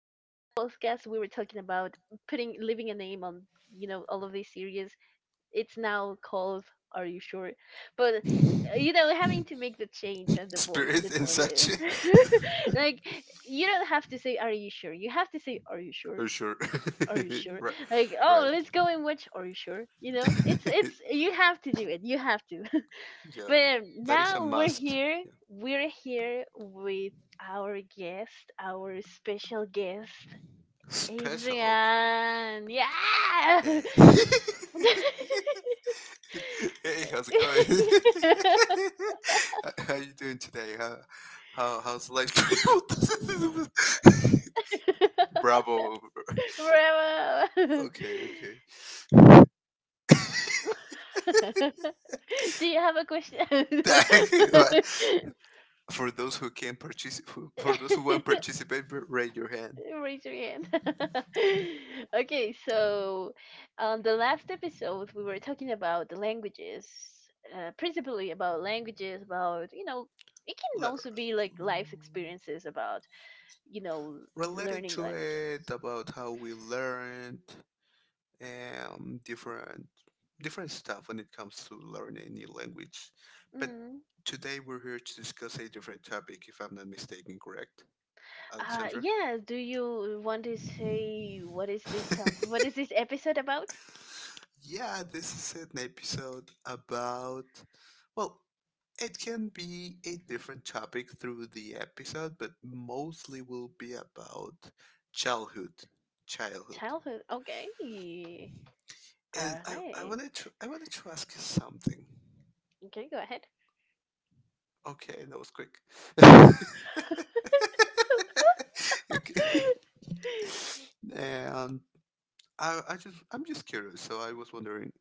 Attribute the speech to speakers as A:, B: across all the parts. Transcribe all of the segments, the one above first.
A: In the last podcast, we were talking about putting leaving a name on, you know, all of these series. It's now called Are You Sure. But you know, having to make the change and the voice and the
B: Spirit and
A: tone.
B: such.
A: Like, you don't have to say Are You Sure, you have to say Are You Sure,
B: For sure.
A: Are You Sure.
B: Right.
A: Like, oh,
B: Right.
A: let's go and watch Are You Sure. You know, it's you have to do it, you have to.
B: Yeah.
A: But
B: That is a
A: now we're
B: must.
A: here.
B: Yeah.
A: We're here with our guest, our special guest,
B: Special, okay.
A: Adrian. Yeah.
B: Hey. Hey, how's it going? How you doing today? How's life treating you? Bravo.
A: Bravo.
B: Okay, okay.
A: Do you have a question?
B: Right. for those who can participate, for those who want to participate, raise your hand.
A: Raise your hand. Okay, so on the last episode, we were talking about the languages, principally about languages, about, you know, it can
B: Let-
A: also be like life experiences about, you know,
B: Related
A: learning
B: to
A: languages.
B: it about how we learned um, different different stuff when it comes to learning a new language. But
A: Mm.
B: today we're here to discuss a different topic, if I'm not mistaken, correct, Alexandra?
A: Yeah, do you want to say what is this top? What is this episode about?
B: Yeah, this is an episode about, well, it can be a different topic through the episode, but mostly will be about childhood, childhood.
A: Childhood. Okay.
B: And
A: All
B: I, I
A: right.
B: wanted to I wanted to ask you something.
A: Okay, go ahead.
B: Okay, that was quick. Okay. And I'm just curious. So I was wondering,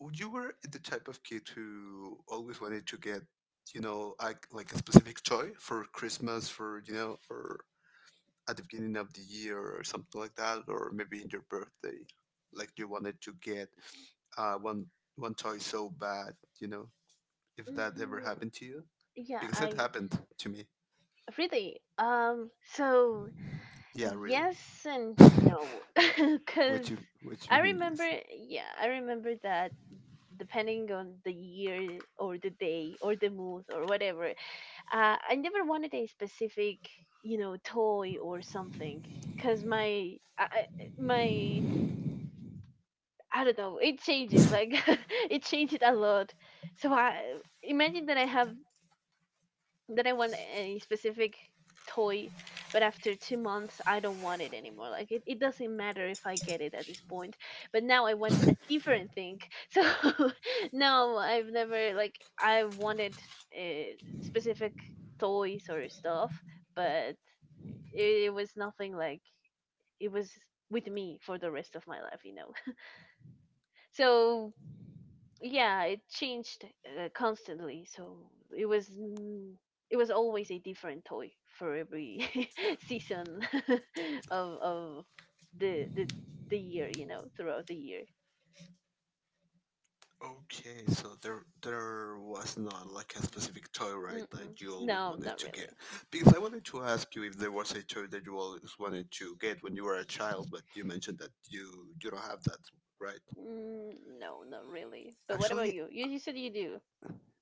B: would you were the type of kid who always wanted to get, you know, like a specific toy for Christmas, or at the beginning of the year or something like that, or maybe in your birthday, like you wanted to get uh, one one toy so bad, you know, if that ever
A: Mhm.
B: happened to you,
A: Yeah,
B: because it
A: I
B: happened to me.
A: really. So
B: Yeah, really.
A: yes and no, because
B: What you
A: I
B: hint
A: remember.
B: is.
A: Yeah, I remember that depending on the year or the day or the mood or whatever, I never wanted a specific, you know, toy or something. Cause my, my, I don't know. It changes. Like, it changes a lot. So I imagine that I have. Then I want a specific toy, but after 2 months, I don't want it anymore. Like, it doesn't matter if I get it at this point. But now I want a different thing. So no, I've never like I wanted uh, specific toys or stuff, but it was nothing like it was with me for the rest of my life, you know. So yeah, it changed constantly. So it was it was always a different toy for every season of the the year, you know, throughout the year.
B: Okay, so there was not like a specific toy, right,
A: Mm-mm.
B: that you always
A: No,
B: wanted
A: not
B: to get.
A: really.
B: Because I wanted to ask you if there was a toy that you always wanted to get when you were a child, but you mentioned that you don't have that, right?
A: No, not really, but what about
B: Actually,
A: you? You said you do.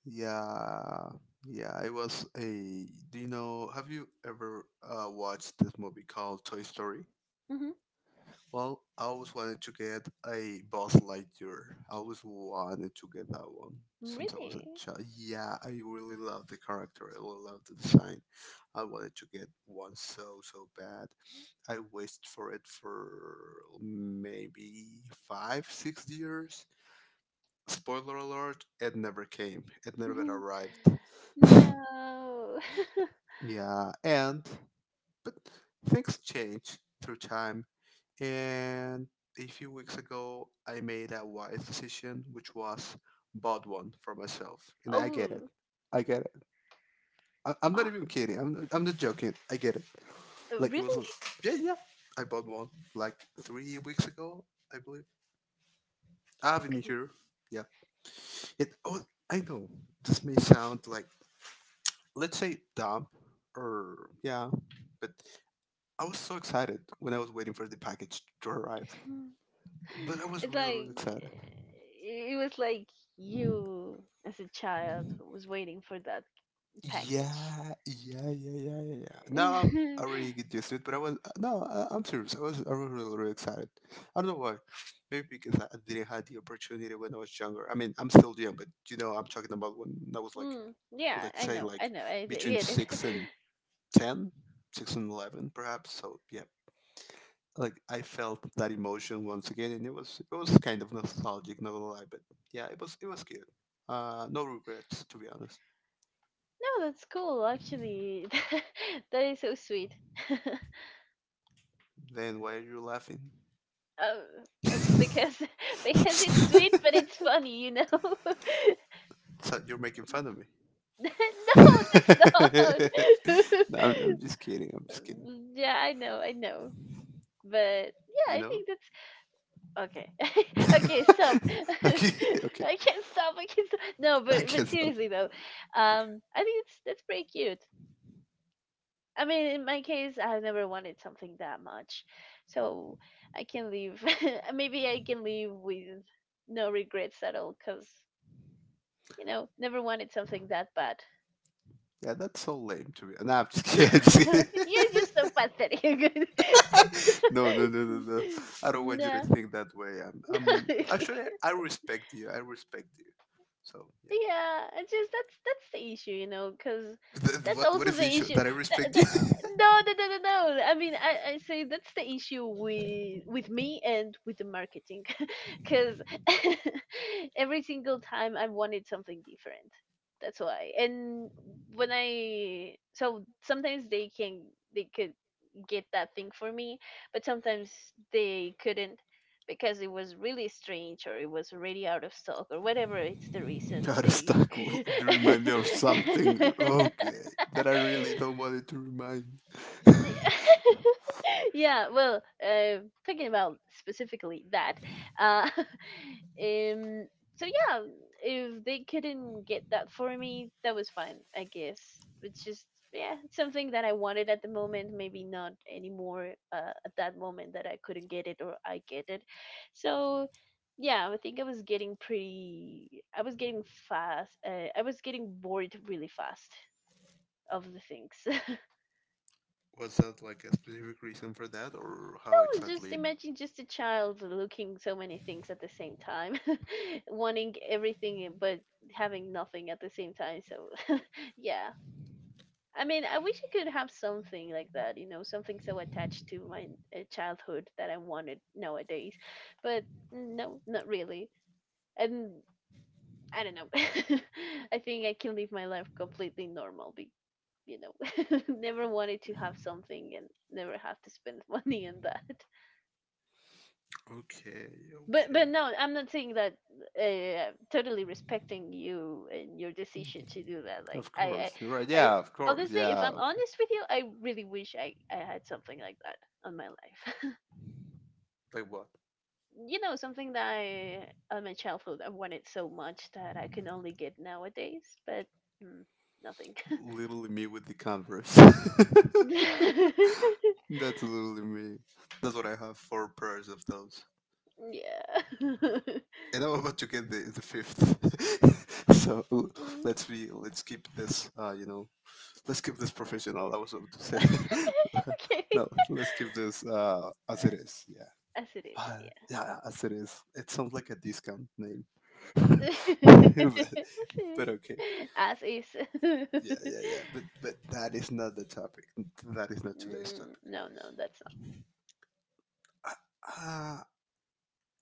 B: yeah, yeah. It was a. Do you know? Have you ever watched this movie called Toy Story?
A: Hmm.
B: Well, I always wanted to get a Buzz Lightyear. I always wanted to get that one since I was a
A: Really.
B: child. Yeah, I really love the character. I really love the design. I wanted to get one so bad. I wished for it for maybe five, 6 years. Spoiler alert: it never came. It never
A: Mhm.
B: arrived.
A: No.
B: Yeah, and but things change through time. And a few weeks ago, I made a wise decision, which was bought one for myself. And I get it.
A: Oh.
B: I get it. I'm not
A: Oh,
B: even kidding. I'm not joking. I get it. Like, it was,
A: really?
B: yeah, yeah. I bought one like 3 weeks ago, I believe. I've been
A: Okay.
B: here. Yeah. Oh, I know this may sound like, let's say, dumb or, yeah, but I was so excited when I was waiting for the package to arrive.
A: Hmm.
B: But I was
A: It's
B: really, really
A: like,
B: excited.
A: it was like you as a child was waiting for that package.
B: Yeah, yeah, yeah, yeah, yeah. Yeah. Now I'm
A: mm,
B: I really get used to it, but I was no, I'm serious. I was really, really excited. I don't know why. Maybe because I didn't have the opportunity when I was younger. I mean, I'm still young, but you know, I'm talking about when I was like,
A: yeah,
B: let's say
A: I
B: like
A: know,
B: between
A: get it.
B: six and ten, 6 and 11, perhaps. So yeah, like I felt that emotion once again, and it was kind of nostalgic, not gonna lie. But yeah, it was good. No regrets, to be honest.
A: No, that's cool actually. That is so sweet. um,
B: Then why are you laughing?
A: because because it's sweet but it's funny, you know.
B: Thought you were making fun of me.
A: No, that's not.
B: No, I'm, I'm just kidding. I'm just kidding.
A: Yeah, I know, I know. But yeah,
B: You
A: I
B: know?
A: think that's okay. Okay, stop. I
B: Okay,
A: can't
B: okay.
A: stop. I can't stop. No,
B: I
A: but
B: can't. Okay,
A: seriously though,
B: okay.
A: I think it's that's pretty cute. I mean, in my case, I have never wanted something that much, so I can leave. Maybe I can leave with no regrets at all, cause, you know, never wanted something that bad.
B: Yeah, that's so lame to me. Nah, I'm just kidding. I'm just
A: You're
B: kidding.
A: just so pathetic.
B: No, no, no, no, no. I don't want you to
A: No.
B: think that way. I respect you. I respect you. So yeah.
A: Yeah, it's just that's the issue, you know, because that's
B: What
A: also
B: is
A: the
B: the issue
A: issue.
B: that I
A: The,
B: respect
A: the,
B: you?
A: no, no, no, no, no. I mean, I say that's the issue with me and with the marketing, because every single time I wanted something different. That's why. And when I, so sometimes they can, they could get that thing for me, but sometimes they couldn't because it was really strange or it was already out of stock or whatever it's the reason
B: Not
A: they
B: a Will remind me of something. Okay, that I really don't want it to remind.
A: The- yeah, well, talking about specifically that, uh, um, so yeah, if they couldn't get that for me, that was fine, I guess. It's just yeah, it's something that I wanted at the moment, maybe not anymore at that moment that I couldn't get it or I get it. So yeah, I think I was getting pretty, I was getting fast, I was getting bored really fast of the things.
B: Was that like a specific reason for that, or how
A: No, just
B: exactly?
A: imagine just a child looking so many things at the same time, wanting everything, eh, but having nothing at the same time. So, yeah. I mean, I wish I could have something like that, you know, something so attached to my childhood that I wanted nowadays. But no, not really. And I don't know. I think I can live my life completely normal, be, you know, never wanted to have something and never have to spend money on that.
B: Okay,
A: But
B: okay.
A: no, I'm not saying that. Totally respecting you and your decision to do that. Like
B: Of course, you're right.
A: I
B: Yeah, of course.
A: honestly, if
B: Yeah,
A: I'm
B: okay.
A: honest with you, I really wish I had something like that on my life.
B: Like what?
A: You know, something that I on my childhood I wanted so much that I can only get nowadays. But mm, nothing.
B: Literally me with the Converse.
A: Yeah.
B: That's literally me. That's what I have. Four pairs of those, and I'm about to get the fifth. So
A: Mm.
B: let's keep this, professional. I was about to say,
A: Okay.
B: no, let's keep this as it
A: Uh,
B: is. Yeah,
A: As it is.
B: Uh,
A: Yeah.
B: yeah, as it is. It sounds like a discount name, but,
A: See?
B: but okay.
A: As is.
B: Yeah, yeah, yeah. But that is not the topic. That is not today's topic.
A: No, no, that's
B: Uh, uh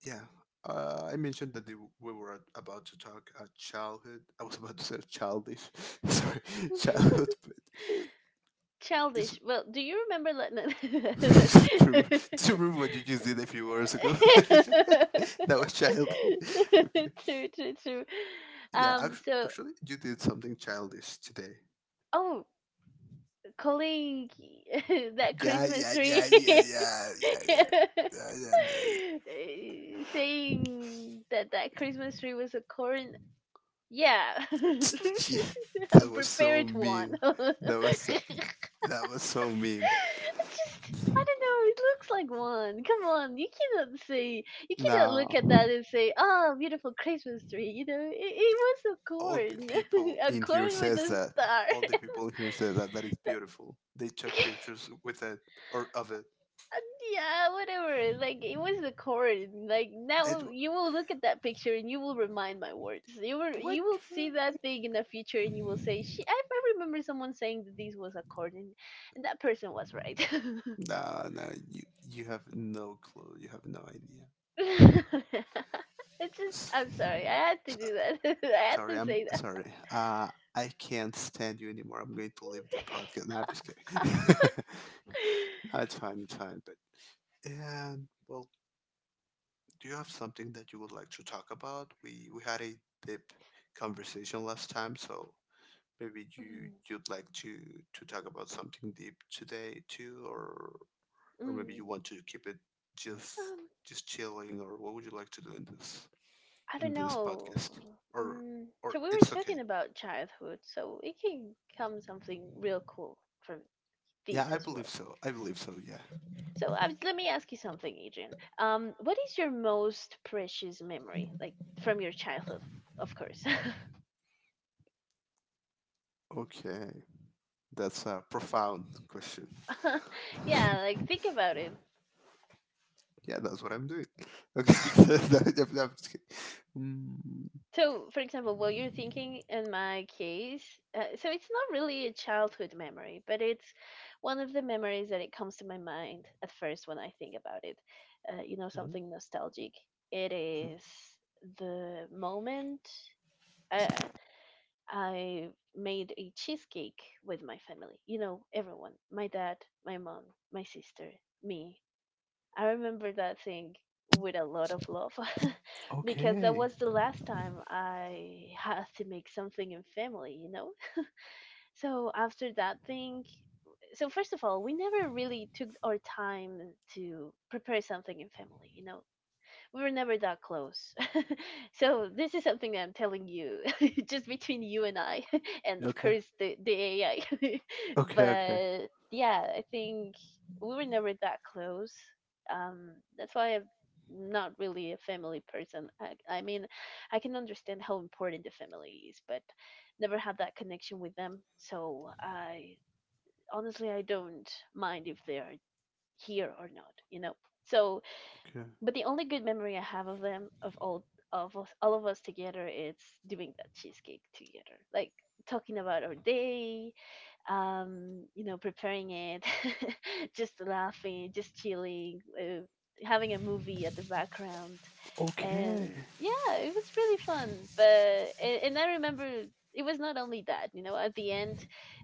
B: yeah. I mentioned that we were about to talk childhood. I was about to say childish. Sorry,
A: not.
B: childhood. But it's
A: Childish. Well, do you remember? Let no.
B: to, to remove what you just did a few hours ago. That was childish. Okay.
A: True, true, true.
B: Yeah,
A: So,
B: actually, you did something childish today.
A: oh, calling that
B: Yeah,
A: Christmas
B: yeah,
A: tree,
B: yeah, yeah, yeah, yeah, yeah, yeah, yeah. Yeah,
A: saying that that Christmas tree was a corn. Yeah.
B: yeah. Yeah.
A: A
B: That was so
A: prepared one.
B: mean. That was so- that was so mean.
A: It's just I don't know, it looks like one. Come on, you cannot say you cannot look
B: Now,
A: at that and say, oh, beautiful Christmas tree, you know, it was a
B: all the
A: corn.
B: people
A: A
B: in here
A: corn with
B: says
A: a
B: that.
A: star.
B: All the people here says that that is beautiful. They took pictures with it or of it.
A: Yeah, whatever. Like, it was the corn. Like
B: It
A: now you will look at that picture and you will remind my words.
B: what?
A: You will see that thing in the future and you will say, "She." I remember someone saying that this was a corn, and that person was right.
B: Nah, nah, you have no clue. You have no idea.
A: It's just I'm sorry. I had to do that. I had to
B: I'm
A: say that.
B: sorry. I can't stand you anymore. I'm going to leave the podcast. No, I'm just kidding. No, it's fine, it's fine. But and well, do you have something that you would like to talk about? We had a deep conversation last time, so maybe you
A: Mm,
B: you'd like to talk about something deep today too, or maybe you
A: mm.
B: want to keep it just
A: Um,
B: just chilling, or what would you like to do in this
A: I don't
B: podcast?
A: know.
B: Or
A: Mm, so we were
B: it's okay.
A: talking about childhood, so it can come something real cool from
B: Yeah,
A: these
B: I
A: as
B: believe
A: well.
B: so. I believe so. Yeah.
A: So I was, let me ask you something, Adrian. What is your most precious memory, like from your childhood? Of course.
B: Okay, that's a profound question.
A: Yeah, like think about it.
B: Yeah, that's what I'm doing. Okay. No, I'm just kidding. Mm,
A: So, for example, what you're thinking in my case, so it's not really a childhood memory, but it's one of the memories that it comes to my mind at first when I think about it. You know,
B: mhm,
A: something nostalgic. It
B: mhm.
A: is the moment. Uh, I made a cheesecake with my family. You know, everyone. My dad, my mom, my sister, me. I remember that thing with a lot of love because that
B: Okay.
A: was the last time I had to make something in family, you know? So after that thing, so first of all, we never really took our time to prepare something in family, you know? We were never that close. So this is something that I'm telling you, just between you and I, and of
B: Okay.
A: course the AI.
B: Okay. Okay.
A: But yeah, I think we were never that close. That's why I'm not really a family person. I mean, I can understand how important the family is, but never had that connection with them. So I honestly I don't mind if they're here or not. You know. So
B: Okay.
A: but the only good memory I have of them, of all of us together, is doing that cheesecake together, like talking about our day, you know, preparing it, just laughing, just chilling, having a movie at the background.
B: Okay.
A: And yeah, it was really fun. But, and I remember it was not only that, you know, at the end,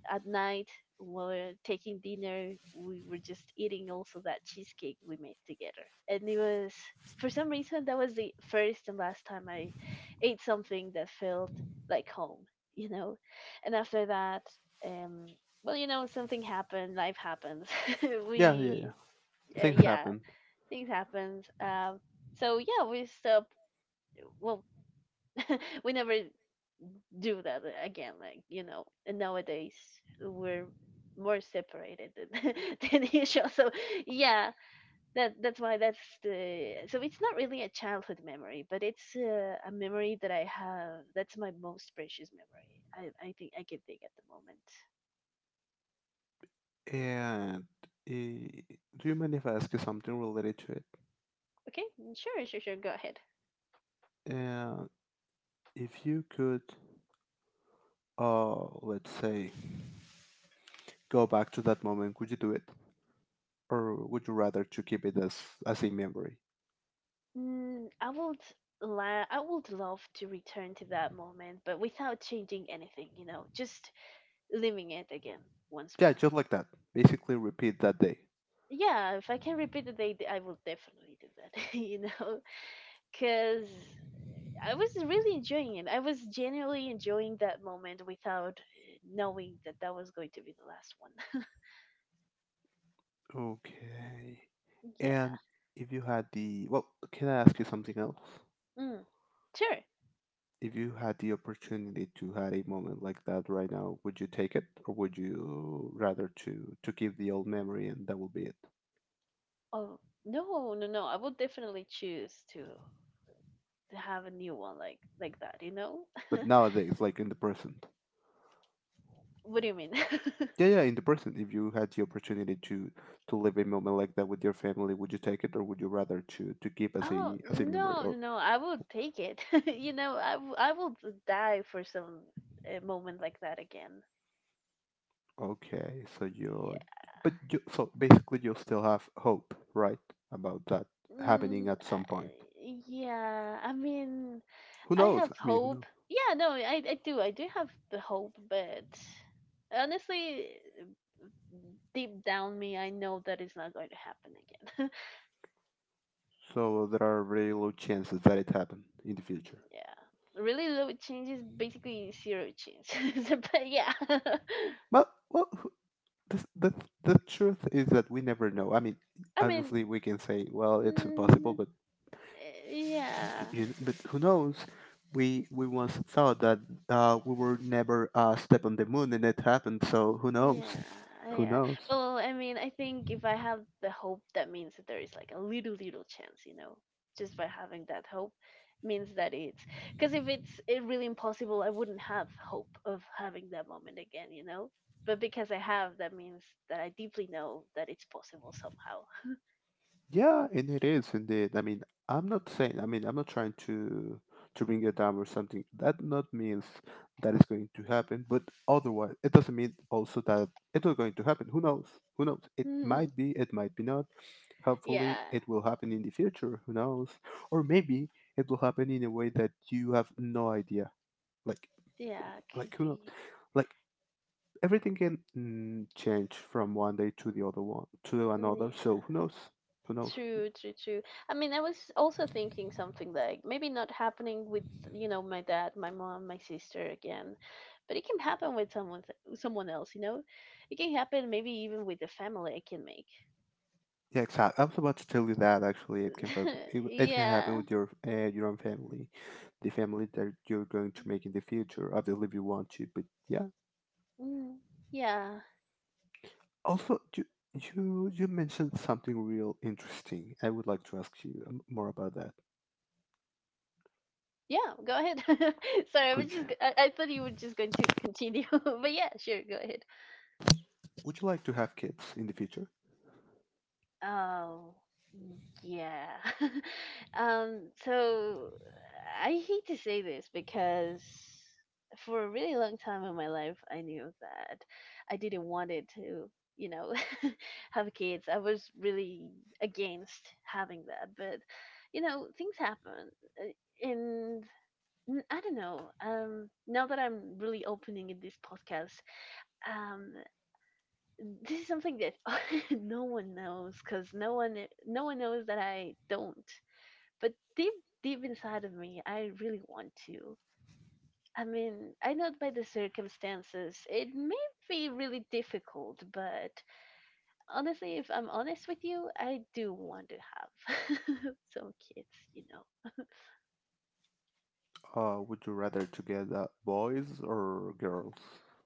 A: at night, while we were taking dinner, we were just eating also that cheesecake we made together. And it was, for some reason, that was the first and last time I ate something that felt like home, you know? And after that, um well, you know, something happened, life happens.
B: Yeah. Yeah. Yeah.
A: We
B: Things
A: yeah,
B: happen.
A: things happen. So yeah, we stop. Well, we never do that again, like, you know, and nowadays we're more separated than, than usual. So yeah, that that's why that's the, so it's not really a childhood memory but it's a memory that I have, that's my most precious memory I think I can think at the moment.
B: And do you mind if I ask you something related to it?
A: Okay, sure, sure, sure, go ahead.
B: And if you could, uh, let's say, go back to that moment, would you do it? Or would you rather to keep it as a memory?
A: Mm, I would la I would love to return to that moment, but without changing anything, you know, just living it again once
B: Yeah,
A: more.
B: just like that. Basically, repeat that day.
A: Yeah, if I can repeat the date, I will definitely do that, you know, because I was really enjoying it. I was genuinely enjoying that moment without knowing that that was going to be the last one.
B: Okay.
A: Yeah.
B: And if you had well, can I ask you something else?
A: Mm, sure.
B: If you had the opportunity to have a moment like that right now, would you take it, or would you rather to keep the old memory and that will be it?
A: Oh, no, no, no. I would definitely choose to have a new one like that, you know?
B: But nowadays, like in the present.
A: What do you mean?
B: Yeah, yeah, in the present, if you had the opportunity to live a moment like that with your family, would you take it, or would you rather to keep as
A: Oh,
B: a as a memory?
A: no, no,
B: Or
A: no. I will take it. You know, I will die for some a moment like that again.
B: okay,
A: Yeah.
B: so basically, you still have hope, right, about that happening at some point.
A: Yeah. I mean,
B: Who
A: I
B: knows?
A: have
B: I mean, who
A: hope.
B: knows?
A: Yeah, no, I do. I do have the hope, but honestly, deep down me, I know that it's not going to happen again.
B: So there are very low chances that it happen in the future.
A: Yeah. Really low change is basically zero change. So, but yeah.
B: Well, the the the truth is that we never know. I mean,
A: I mean,
B: obviously, we can say, well, it's impossible,
A: mm,
B: but
A: yeah.
B: but who knows? We once thought that we were never step on the moon, and it happened. So who knows?
A: Yeah,
B: Who
A: yeah.
B: knows?
A: Well, I mean, I think if I have the hope, that means that there is like a little chance, you know. Just by having that hope means that it's because if it really impossible, I wouldn't have hope of having that moment again, you know. But because I have, that means that I deeply know that it's possible somehow.
B: Yeah, and it is indeed. I mean, I'm not saying. I mean, I'm not trying to bring it down or something. That not means that is going to happen. But otherwise, it doesn't mean also that it's not going to happen. Who knows? Who knows? It might be. It might be not. Hopefully,
A: Yeah,
B: it will happen in the future. Who knows? Or maybe it will happen in a way that you have no idea. Like,
A: yeah, it could
B: like who,
A: be.
B: like everything can change from one day to the other one to another.
A: Yeah,
B: So who knows? Who knows?
A: true, true, true. I mean, I was also thinking something like maybe not happening with, you know, my dad, my mom, my sister again, but it can happen with someone else, you know? It can happen maybe even with the family I can make.
B: Yeah, exactly. I was about to tell you that actually, it can fab- it, w- it can happen
A: Yeah.
B: with your own family, the family that you're going to make in the future. I If you want to, but yeah.
A: Mm, yeah.
B: Also, you mentioned something real interesting. I would like to ask you more about that.
A: Yeah, go ahead. Sorry, I was
B: Would you,
A: just I thought you were just going to continue. But yeah, sure, go ahead.
B: would you like to have kids in the future?
A: Oh, yeah. So I hate to say this because for a really long time in my life, I knew that I didn't want it to, you know, have kids. I was really against having that, but you know, things happen. And I don't know. Now that I'm really opening in this podcast, um, this is something that no one knows because no one knows that I don't. But deep inside of me, I really want to. I mean, I know by the circumstances it may be really difficult, but honestly, if I'm honest with you, I do want to have some kids, you know.
B: Would you rather to get boys or girls,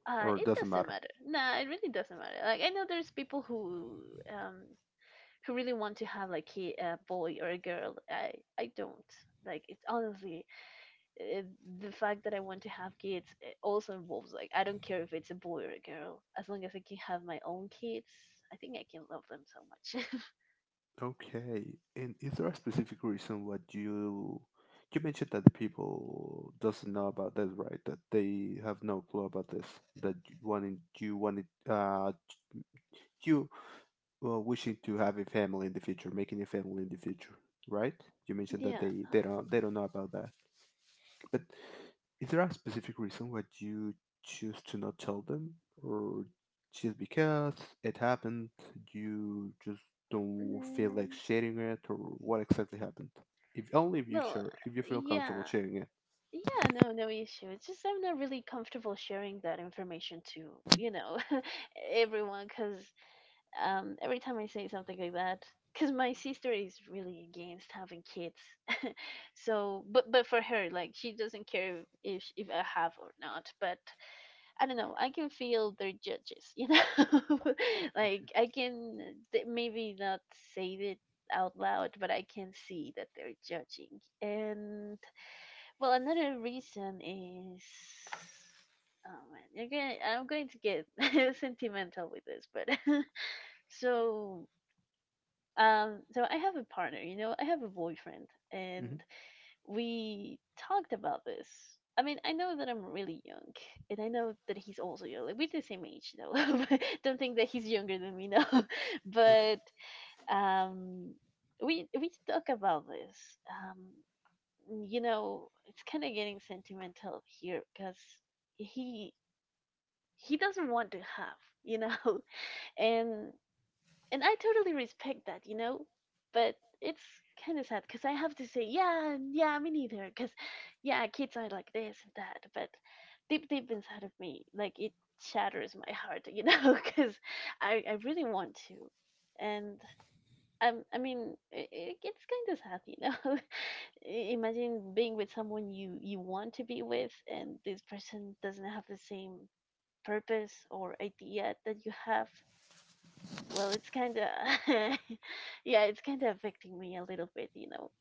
B: or
A: It
B: doesn't
A: doesn't
B: matter?
A: matter. Nah, it really doesn't matter. Like I know there's people um who really want to have like a boy or a girl I don't like it's honestly uh the fact that I want to have kids it also involves like I don't care if it's a boy or a girl as long as I can have my own kids I think I can love them so much.
B: Okay. And is there a specific reason what you mentioned that the people doesn't know about this, right? That they have no clue about this. That you wanted you wishing to have a family in the future, making a family in the future, right? You mentioned that they
A: Yeah.
B: they don't they don't know about that, but is there a specific reason why you choose to not tell them, or just because it happened, you just don't feel like
A: mm,
B: sharing it, or what exactly happened? If Only if you
A: well
B: share, if you feel comfortable
A: yeah,
B: sharing it.
A: yeah, no, no issue, it's just I'm not really comfortable sharing that information to, you know, everyone because every time I say something like that, because my sister is really against having kids, so but for her, like she doesn't care if I have or not. But I don't know, I can feel their judges, you know,
B: Okay.
A: like I can maybe not say it out loud, but I can see that they're judging. And well, another reason is. Oh man, you're gonna, I'm going to get sentimental with this, but so so I have a partner, you know, I have a boyfriend,
B: Hmm.
A: and we talked about this. I mean, I know that I'm really young, and I know that he's also young. Like, we're the same age, though. But don't think that he's younger than me, no.
B: Okay.
A: but um, we talk about this. Um, you know, it's kind of getting sentimental here because he he doesn't want to have, you know, and and I totally respect that, you know, but it's kind of sad because I have to say, yeah, yeah, me neither, because yeah, kids are like this and that, but deep inside of me, like it shatters my heart, you know, because I really want to, and I mean, I it's kind of sad, you know. Imagine being with someone you want to be with, and this person doesn't have the same purpose or idea that you have. Well, it's kind of yeah, it's kind of affecting me a little bit, you know.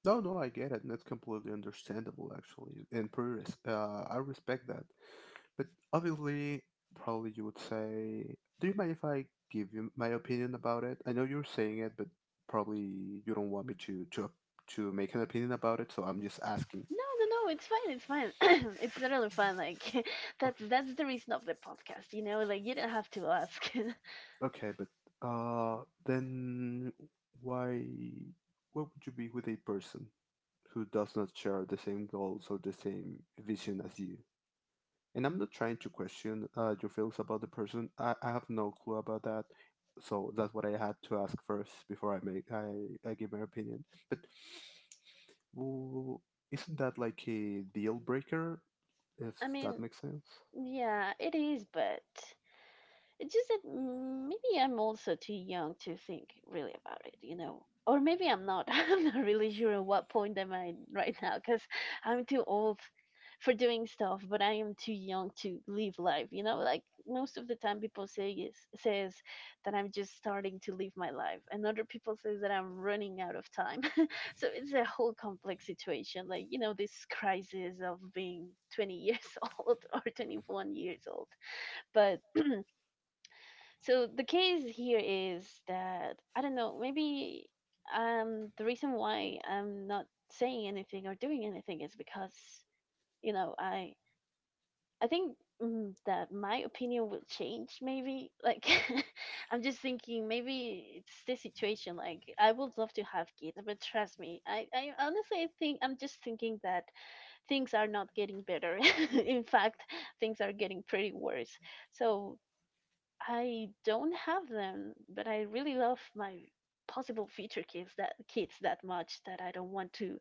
B: No, no, I get it. And that's completely understandable, actually, and pretty I respect that. But obviously, probably you would say, "Do you mind if I give you my opinion about it?" I know you're saying it, but probably you don't want me to make an opinion about it, so I'm just asking.
A: No, no, no, it's fine, it's fine. It's totally fine. Like
B: Okay,
A: that's the reason of the podcast, you know. Like you don't have to ask.
B: okay, but then why? What would you be with a person who does not share the same goals or the same vision as you? And I'm not trying to question your feelings about the person. I have no clue about that. So that's what I had to ask first before I give my opinion. But w isn't that like a deal breaker? If
A: I
B: that
A: mean,
B: makes sense.
A: yeah, it is, but it's just that maybe I'm also too young to think really about it, you know. Or maybe I'm not. I'm not really sure at what point am I right now because I'm too old for doing stuff, but I am too young to live life, you know. Like most of the time, people says that I'm just starting to live my life, and other people says that I'm running out of time. So it's a whole complex situation, like you know this crisis of being 20 years old or 21 years old, but so the case here is that I don't know, maybe the reason why I'm not saying anything or doing anything is because, you know, I think that my opinion will change maybe. Like I'm just thinking maybe it's the situation like I would love to have kids, but trust me, I honestly think I'm just thinking that things are not getting better. In fact, things are getting pretty worse. So I don't have them, but I really love my possible future kids that much that I don't want to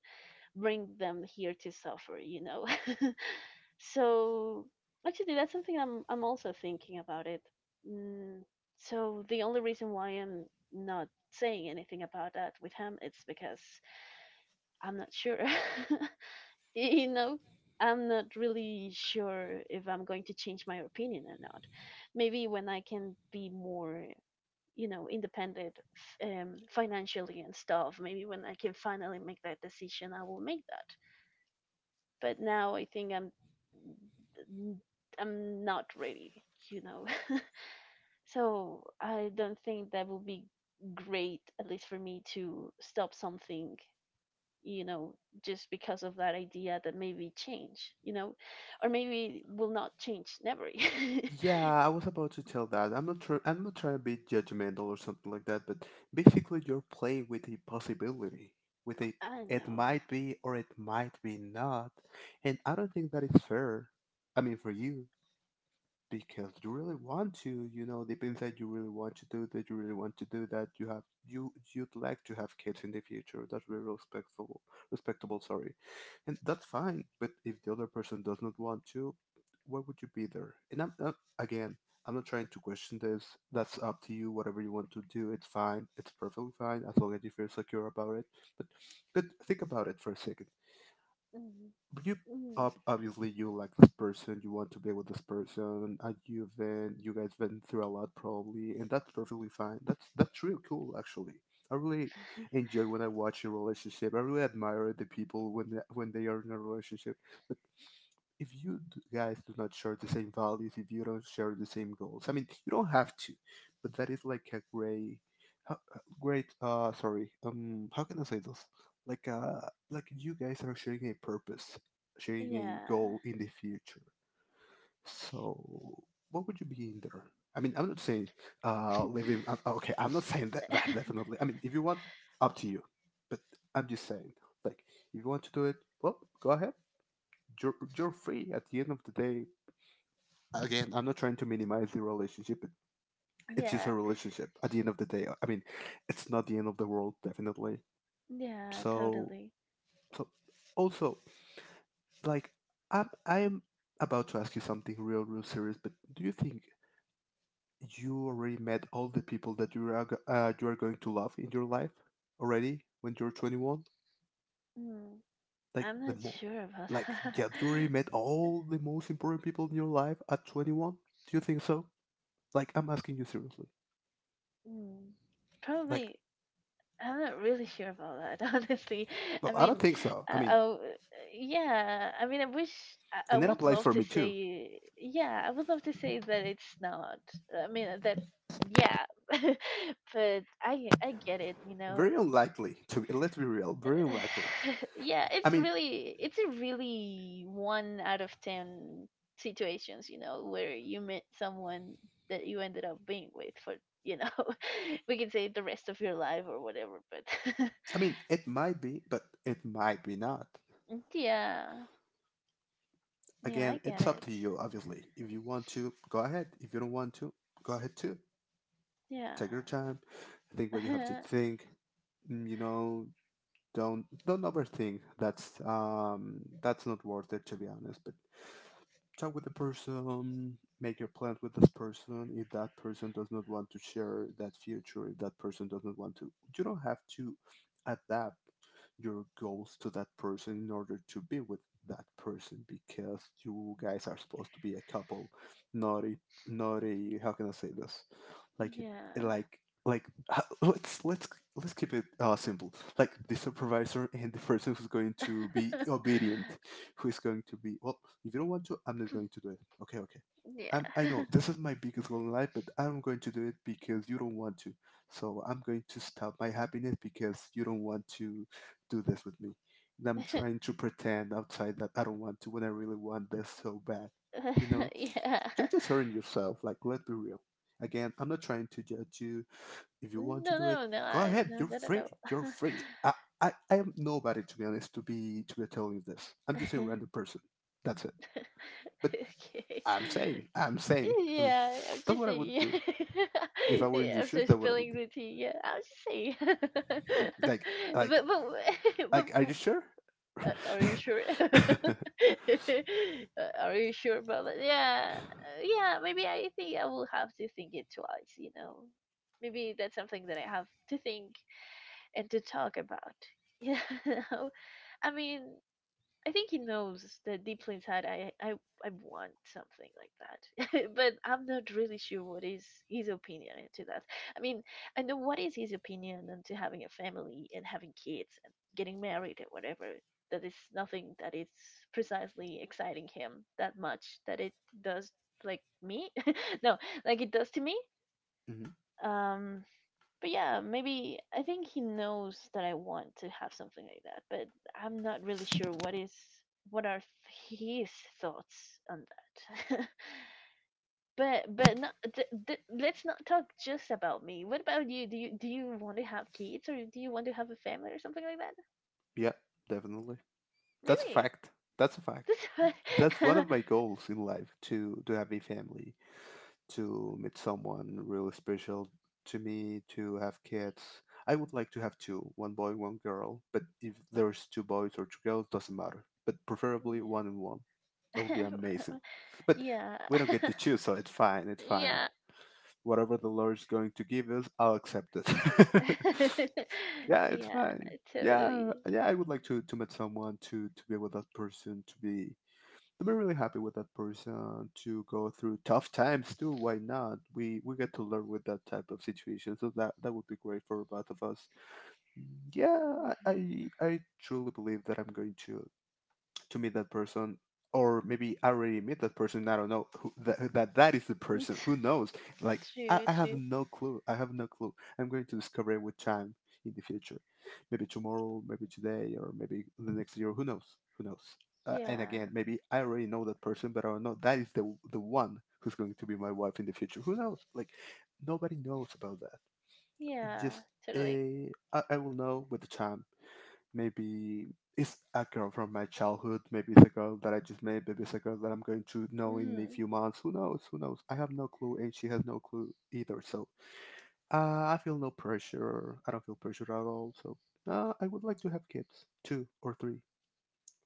A: bring them here to suffer, you know. So actually that's something I'm also thinking about it. Mm, so the only reason why I'm not saying anything about that with him it's because I'm not sure. You know, I'm not really sure if I'm going to change my opinion or not, maybe when I can be more, you know, independent, financially and stuff, maybe when I can finally make that decision I will make that, but now I think I'm not ready, you know. So I don't think that will be great at least for me to stop something, you know, just because of that idea that maybe change, you know, or maybe will not change never.
B: Yeah, I was about to tell that. I'm not trying to be judgmental or something like that. But basically, you're playing with a possibility, with a...
A: I
B: it
A: know.
B: might be or it might be not, and I don't think that is fair. I mean, for you. Because you really want to, you know, deep inside, you really want to do that. You really want to do that. You you'd like to have kids in the future. That's very respectful, respectable, sorry. And that's fine, but if the other person does not want to, why would you be there? And I'm again, I'm not trying to question this. That's up to you. Whatever you want to do, it's fine. It's perfectly fine as long as you feel secure about it. but but think about it for a second.
A: mm
B: But you
A: mm.
B: Obviously, you like this person, you want to be with this person, and you guys been through a lot probably, and that's perfectly fine. That's really cool actually. I really enjoy when I watch a relationship. I really admire the people when they are in a relationship. But if guys do not share the same values, if you don't share the same goals, I mean, you don't have to, but that is like a great. Sorry. How can I say this? Like, uh, like you guys are sharing a purpose, sharing a
A: Yeah.
B: goal in the future. So, what would you be in there? I mean, I'm not saying living. Okay, I'm not saying that, that definitely. I mean, if you want, up to you. But I'm just saying, like, if you want to do it, well, go ahead. You're You're free at the end of the day. Again, I'm not trying to minimize the relationship, but it's just
A: Yeah,
B: a relationship at the end of the day. I mean, it's not the end of the world, definitely.
A: yeah,
B: So,
A: totally.
B: so also, like, I'm about to ask you something real, real serious, but do you think you already met all the people that you are going to love in your life already when you're 21?
A: Mm,
B: Like,
A: I'm
B: the
A: not
B: more,
A: sure about
B: like,
A: that.
B: yeah, you already met all the most important people in your life at 21? Do you think so? Like, I'm asking you seriously.
A: Mm,
B: Like,
A: probably, I'm not really sure about that, honestly. I
B: well, I
A: mean,
B: don't think so. I
A: uh,
B: mean,
A: oh, yeah. I mean, I wish I
B: and that
A: would
B: applies
A: love
B: for
A: to
B: me too.
A: say, yeah, I would love to say that it's not. I mean, that, yeah. But I get it, you know.
B: Very unlikely to, let's be real, very unlikely.
A: Yeah,
B: I
A: it's
B: mean,
A: really it's a really one out of ten situations, you know, where you met someone that you ended up being with for, you know, we can say the rest of your life or whatever, but
B: I mean, it might be, but it might be not.
A: yeah. Yeah, I
B: Again,
A: get
B: it's up
A: it.
B: to you, obviously. If you want to, go ahead. If you don't want to, go ahead too.
A: Yeah.
B: Take your time. Think what you have to think. Mm, you know, don't overthink. That's not worth it, to be honest. But talk with the person, make your plans with this person. If that person does not want to share that future, if that person does not want to, you don't have to adapt your goals to that person in order to be with that person, because you guys are supposed to be a couple, not a how can I say this, like a,
A: yeah.
B: like like h- let's let's let's keep it simple, like the supervisor and the person who's going to be obedient, who is going to be, well, if you don't want to, I'm not going to do it. Okay, okay. I
A: yeah.
B: know this is my biggest goal in life, but I'm going to do it because you don't want to. So I'm going to stop my happiness because you don't want to do this with me. And I'm trying to pretend outside that I don't want to, when I really want this so bad. You know,
A: yeah.
B: you're just hurting yourself. Like, let's be real. Again, I'm not trying to judge you. If you want to
A: No,
B: do it,
A: no, no,
B: go
A: I,
B: ahead.
A: no,
B: You're
A: not at
B: free.
A: all.
B: You're free. I am nobody, to be honest, to be telling you this. I'm just a random person. That's it. But
A: Okay.
B: I'm saying. I mean,
A: Yeah, I'm
B: that's
A: just
B: what I
A: saying.
B: would do
A: Yeah,
B: if I were in
A: yeah,
B: your shoes.
A: after
B: That's what I would
A: spilling
B: do.
A: the tea, yeah, I'll just say.
B: Like,
A: But
B: like,
A: but
B: like. Are you
A: w-
B: sure?
A: are you sure? Are you sure about that? Yeah, yeah. Maybe I think I will have to think it twice. You know, maybe that's something that I have to think and to talk about. Yeah, I mean, I think he knows that deeply inside I want something like that, but I'm not really sure what is his opinion to that. I mean, I know what is his opinion into having a family and having kids and getting married and whatever. That is nothing that is precisely exciting him that much that it does like me. No, like it does to me.
B: Mhm.
A: Um, but yeah, maybe I think he knows that I want to have something like that, but I'm not really sure what is what are his thoughts on that. But not, th- th- let's not talk just about me. What about you? Do you do you want to have kids or do you want to have a family or something like that?
B: Yeah, definitely. That's a
A: Really?
B: fact. That's a fact.
A: This
B: That's one of my goals in life, to have a family, to meet someone really special to me, to have kids. I would like to have two, one boy, one girl, but if there's two boys or two girls, doesn't matter. But preferably one and one. That would be amazing. But
A: yeah.
B: we don't get to choose, so it's fine, it's fine.
A: yeah.
B: Whatever the Lord's going to give us, I'll accept it. Yeah, it's
A: yeah,
B: fine. Yeah,
A: totally.
B: yeah, I would like to meet someone to be with that person, to be really happy with that person, to go through tough times too. Why not? We get to learn with that type of situation, so that would be great for both of us. Mm, yeah,
A: Mhm.
B: I truly believe that I'm going to meet that person, or maybe I already meet that person. I don't know who, that is the person who knows. Like,
A: True,
B: I have
A: true.
B: no clue. I have no clue. I'm going to discover it with time in the future. Maybe tomorrow, maybe today, or maybe the next year. Who knows, who knows? And
A: Yeah.
B: again, maybe I already know that person, but I don't know that is the one who's going to be my wife in the future. Who knows? Like, nobody knows about that. Just
A: Yeah, totally.
B: I will know with the time. Maybe it's a girl from my childhood, maybe it's a girl that I just met, maybe it's a girl that I'm going to know in a
A: Hmm.
B: few months. Who knows, who knows? I have no clue, and she has no clue either. So I feel no pressure. I don't feel pressure at all. So I would like to have kids, two or three.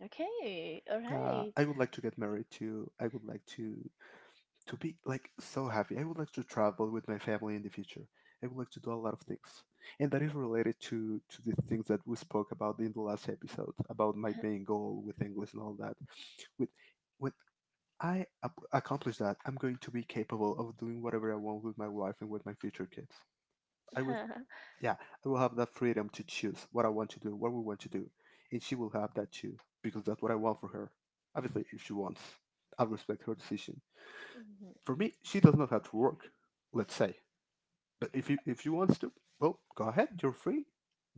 A: Okay, all
B: Yeah,
A: right.
B: I would like to get married too. I would like to be like so happy. I would like to travel with my family in the future. I would like to do a lot of things, and that is related to the things that we spoke about in the last episode about my main goal with English and all that. With when I accomplish that, I'm going to be capable of doing whatever I want with my wife and with my future kids. I will, yeah, I will have that freedom to choose what I want to do, what we want to do, and she will have that too, because that's what I want for her. Obviously, if she wants, I'll respect her decision.
A: Mhm.
B: For me, she does not have to work, let's say. But if you want to, well, go ahead. You're free.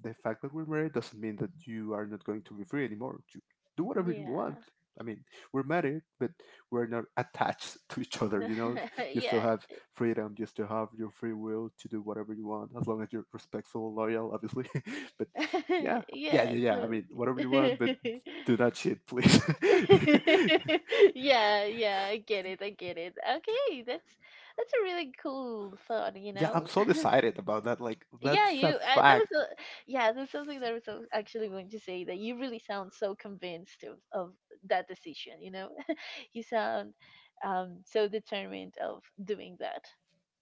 B: The fact that we're married doesn't mean that you are not going to be free anymore. You do whatever you want.
A: Yeah.
B: I mean, we're married, but we're not attached to each other. You know, you still
A: Yeah.
B: have freedom. You still have your free will to do whatever you want, as long as you're respectful, loyal, obviously. But yeah, yeah,
A: Yeah,
B: yeah, yeah. I
A: totally.
B: mean, whatever you want, but do not cheat, please.
A: Yeah, yeah, I get it. I get it. Okay, that's a really cool thought, you
B: Yeah, I'm
A: know?
B: so excited about that. Like,
A: Yeah,
B: that's a
A: you that was
B: fact.
A: a, yeah, that's something that I was actually going to say that you really sound so convinced of that decision, you know? You sound so determined of doing that.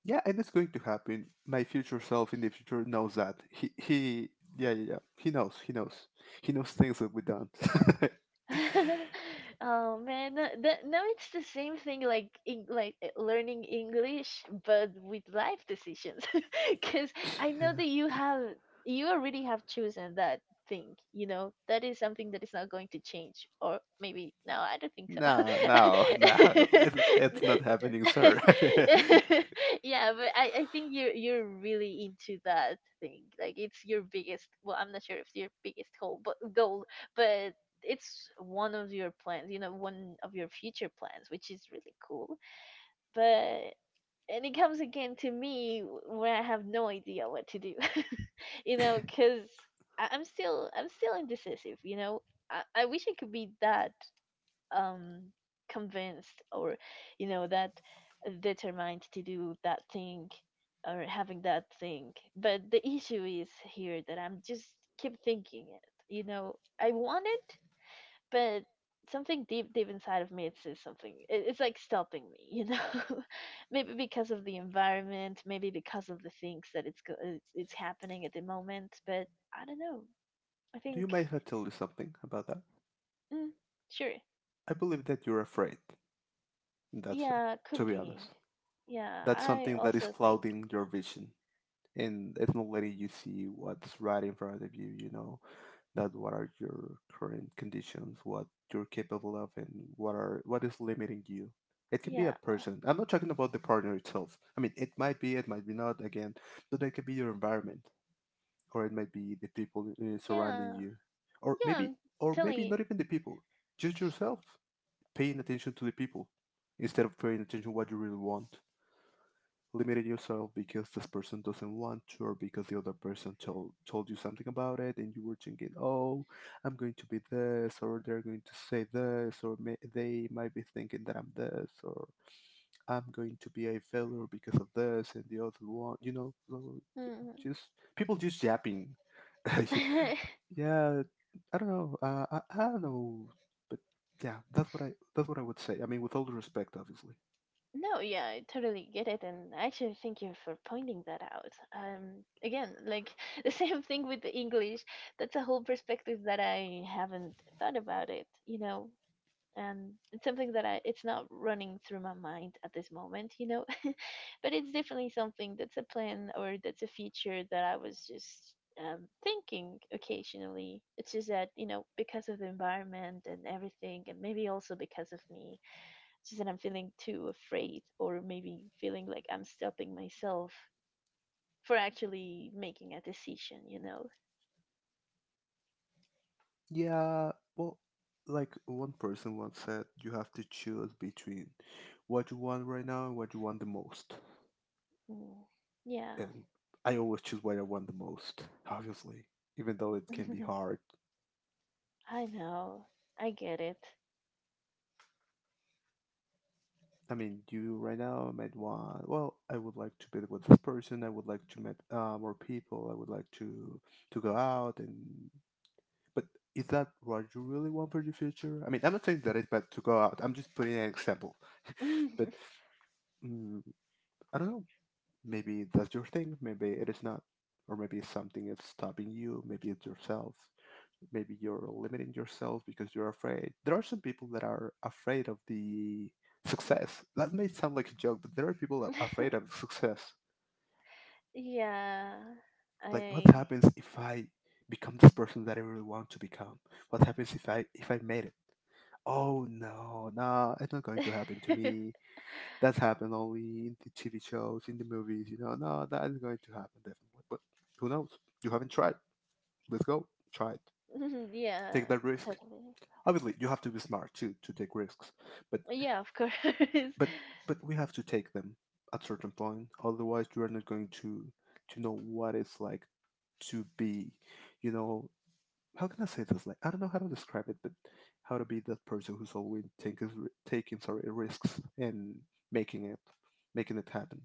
B: Yeah, and it's going to happen. My future self in the future knows that. Yeah, yeah. He knows. He knows. He knows things that we don't.
A: Oh man, no, that, no, it's the same thing like like learning English, but with life decisions. Because I know that you already have chosen that thing. You know that is something that is not going to change, or maybe no, I don't think so.
B: No, no. It's not happening, sir.
A: Yeah, but I think you're really into that thing. Like it's your biggest. Well, I'm not sure if it's your biggest goal, but it's one of your plans, you know, one of your future plans, which is really cool. But and it comes again to me when I have no idea what to do. You know, because I'm still indecisive, you know. I wish I could be that um convinced or that determined to do that thing or having that thing. But the issue is here that I'm just keep thinking it. You know, I want it, but something deep deep inside of me it says something, it's like stopping me. Maybe because of the environment, maybe because of the things that it's happening at the moment. But I don't know, I
B: Do
A: think.
B: you mind if I tell you something about that?
A: Mm, sure.
B: I believe that you're afraid. That's it.
A: Yeah, could
B: To be
A: be.
B: honest,
A: Yeah,
B: that's
A: I
B: something that is
A: also think
B: clouding your
A: that.
B: vision, and it's not letting you see what's right in front of you. You know, that what are your current conditions, what you're capable of, and what is limiting you. It can be a
A: Yeah,
B: person. I'm not talking about the partner itself. I mean, it might be not. Again, but that could be your environment, or it might be the people surrounding
A: yeah,
B: you, or
A: yeah,
B: maybe,
A: I'm
B: or maybe
A: telling
B: not even the people, just yourself. Paying attention to the people instead of paying attention what you really want limited yourself because this person doesn't want to, or because the other person told you something about it, and you were thinking, oh, I'm going to be this, or they're going to say this, or may, they might be thinking that I'm this, or I'm going to be a failure because of this and the other one.
A: you.
B: Just people just yapping.
A: Mm.
B: Yeah, I don't know, I don't know, but yeah, that's what I would say. I mean, with all the respect, obviously.
A: No, yeah, I totally get it, and actually, thank you for pointing that out. Again, like, the same thing with the English. That's a whole perspective that I haven't thought about it, you know, and it's something that I it's not running through my mind at this moment, you know. But it's definitely something that's a plan or that's a feature that I was just thinking occasionally. It's just that, you know, because of the environment and everything, and maybe also because of me, it's just that I'm feeling too afraid or maybe feeling like I'm stopping myself for actually making a decision, you know?
B: Yeah, well, like one person once said, you have to choose between what you want right now and what you want the most.
A: Mm, yeah.
B: And I always choose what I want the most, obviously, even though it can be hard.
A: I know. I get it.
B: I mean, you right now might want, well, I would like to be with this person. I would like to meet more people. I would like to go out and. But is that what you really want for the future? I mean, I'm not saying that it's bad to go out. I'm just putting an example. But mm, I don't know. Maybe that's your thing, maybe it is not. Or maybe something is stopping you, maybe it's yourself. Maybe you're limiting yourself because you're afraid. There are some people that are afraid of the success. That may sound like a joke, but there are people that are afraid of success.
A: Yeah.
B: Like what
A: I.
B: happens if I become this person that I really want to become? What happens if I made it? Oh no, no, it's not going to happen to me. That's happened only in the TV shows, in the movies. You know, no, that is going to happen definitely. But who knows? You haven't tried. Let's go. Try it.
A: Yeah,
B: Take that risk.
A: totally.
B: Obviously, you have to be smart too to take risks. But
A: Yeah, of course.
B: but but we have to take them at certain point. Otherwise, you are not going to know what it's like to be. You know, how can I say this? Like I don't know how to describe it, but how to be that person who's always taking taking sorry risks and making it making it happen.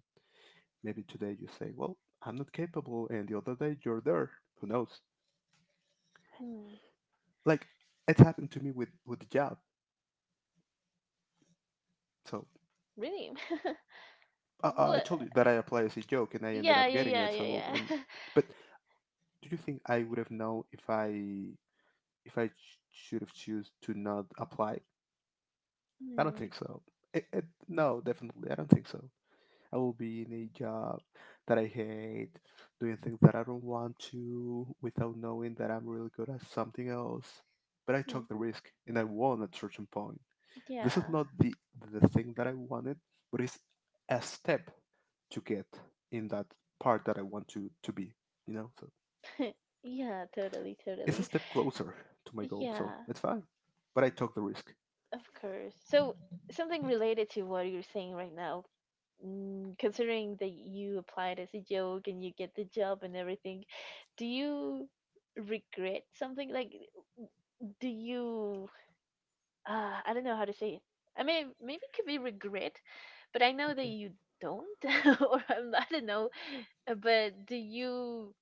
B: Maybe today you say, well, I'm not capable, and the other day you're there. Who knows?
A: Mm,
B: Like, it's happened to me with the job. So
A: really?
B: I
A: What?
B: told you that I applied as a joke and I ended
A: Yeah,
B: up
A: yeah,
B: getting
A: yeah,
B: it. So,
A: yeah,
B: and
A: yeah.
B: but do you think I would have known if I should have choose to not apply? I don't
A: Mm,
B: think so. No, definitely, I don't think so. I will be in a job that I hate, doing things that I don't want to without knowing that I'm really good at something else. But I took
A: mhm,
B: the risk and I won at certain point. This is
A: yeah.
B: not the thing that I wanted, but it's a step to get in that part that I want to be, you know? So
A: Yeah, totally,
B: it's a
A: totally.
B: step closer to my goal, so
A: Yeah.
B: it's fine. But I took the risk.
A: Of course. So something related to what you're saying right now, considering that you applied as a joke and you get the job and everything, do you regret something? Like, do you? I don't know how to say it. I mean, maybe it could be regret, but I know that
B: Okay.
A: you don't, or I don't know. But do you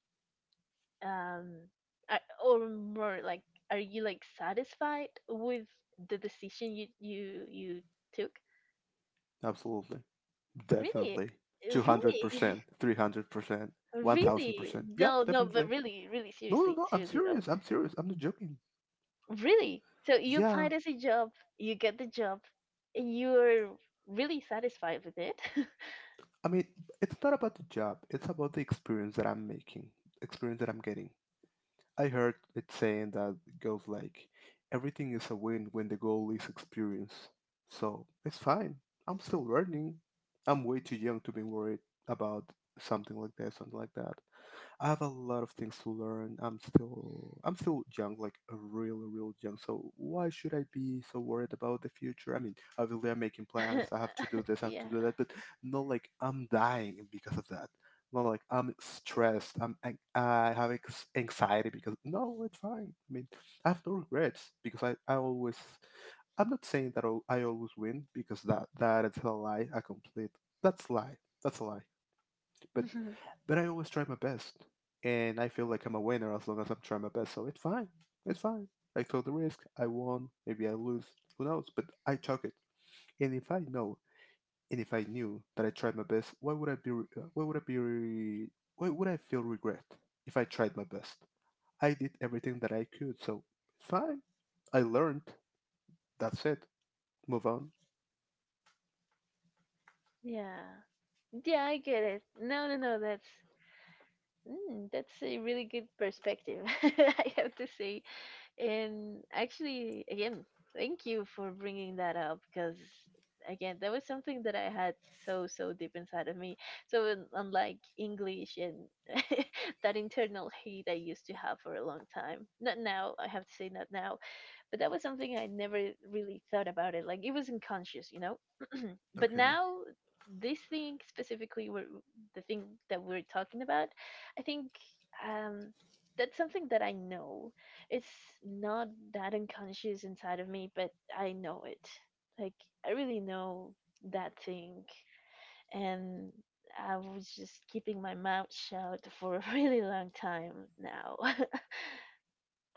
A: um are, or more like, are you like satisfied with the decision you took?
B: Absolutely.
A: Really?
B: Definitely.
A: Really?
B: 200%, 300%,
A: Really.
B: 1000%. Yeah,
A: No, no, but
B: definitely.
A: really, really,
B: No, no,
A: seriously,
B: no. I'm
A: seriously though.
B: serious. I'm serious. I'm not joking.
A: Really? So you
B: Yeah.
A: applied as a job, you get the job, and you're really satisfied with it.
B: I mean, it's not about the job, it's about the experience that I'm making, experience that I'm getting. I heard it saying that it goes like everything is a win when the goal is experience. So it's fine. I'm still learning. I'm way too young to be worried about something like that, something like that. I have a lot of things to learn. I'm still young, like a real, real young. So why should I be so worried about the future? I mean, obviously I'm making plans. I have to do this. I have to
A: Yeah.
B: do that. But not like I'm dying because of that. Not like I'm stressed. I have anxiety because no, it's fine. I mean, I have no regrets because I always I'm not saying that I always win because that is a lie. A complete That's a lie. That's a lie, but but I always try my best, and I feel like I'm a winner as long as I'm trying my best. So it's fine. It's fine. I took the risk. I won. Maybe I lose. Who knows? But I took it. And if I know, and if I knew that I tried my best, why would I be? Why would I be? Why would I feel regret if I tried my best? I did everything that I could. So it's fine. I learned. That's it. Move on.
A: Yeah, yeah, I get it. No, no, no, that's, mm, that's a really good perspective, I have to say. And actually, again, thank you for bringing that up because, again, that was something that I had so, so deep inside of me. So, unlike English, and that internal hate I used to have for a long time, not now, I have to say, not now, but that was something I never really thought about it. Like, it wasn't conscious, you know. But
B: Okay.
A: now, this thing specifically, the thing that we're talking about, I think, um, that's something that I know. It's not that unconscious inside of me, but I know it. Like, I really know that thing, and I was just keeping my mouth shut for a really long time now.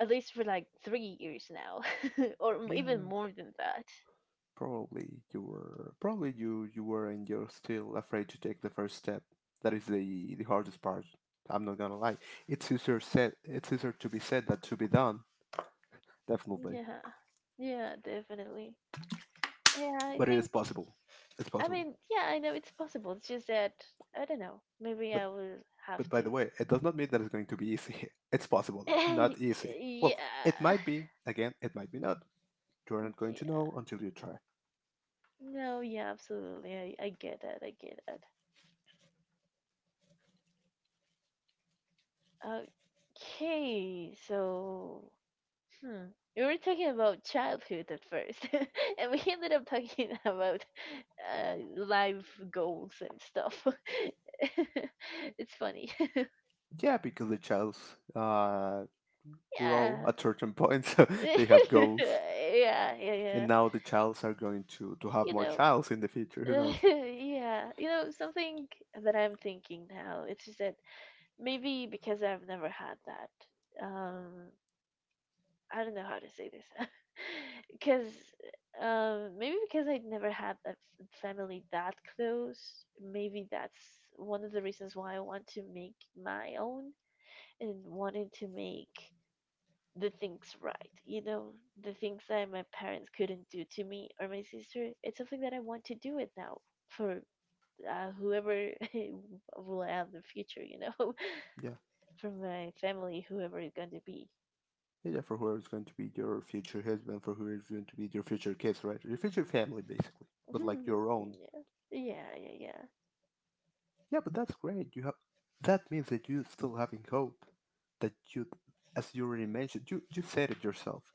A: At least for like 3 years now, or
B: Yeah.
A: even more than that.
B: Probably you were and you're still afraid to take the first step. That is the hardest part. I'm not gonna lie. It's easier to be said than to be done, definitely.
A: Yeah, yeah, definitely. Yeah, I
B: But it is
A: think,
B: possible. It's
A: I
B: possible.
A: mean, yeah, I know it's possible. It's just that, I don't know, maybe
B: But
A: I will
B: but
A: have
B: by the
A: to.
B: way, it does not mean that it's going to be easy. It's possible, not easy. Well, it
A: Yeah,
B: might be. Again, it might be not. You're not going
A: yeah.
B: to know until you try.
A: No, yeah, absolutely. I get that. I get that. Okay, so, hmm. We were talking about childhood at first, and we ended up talking about life goals and stuff. It's funny.
B: Yeah, because the childs uh grow
A: Yeah.
B: at certain points. So they have goals,
A: Yeah, yeah,
B: and
A: yeah.
B: now the childs are going to have
A: You
B: more
A: know,
B: childs in the future, who knows?
A: yeah. You know, something that I'm thinking now, it's just that maybe because I've never had that, I don't know how to say this, because maybe because I never had a family that close, maybe that's one of the reasons why I want to make my own and wanted to make the things right. You know, the things that my parents couldn't do to me or my sister. It's something that I want to do it now for whoever will I have in the future. You know,
B: Yeah,
A: for my family, whoever it's going to be.
B: yeah, yeah, for whoever's going to be your future husband, for whoever's going to be your future kids, right? Your future family, basically, but like your own.
A: Yeah, yeah, yeah, yeah.
B: Yeah, but that's great. You have, that means that you still having hope. That you, as you already mentioned, you said it yourself.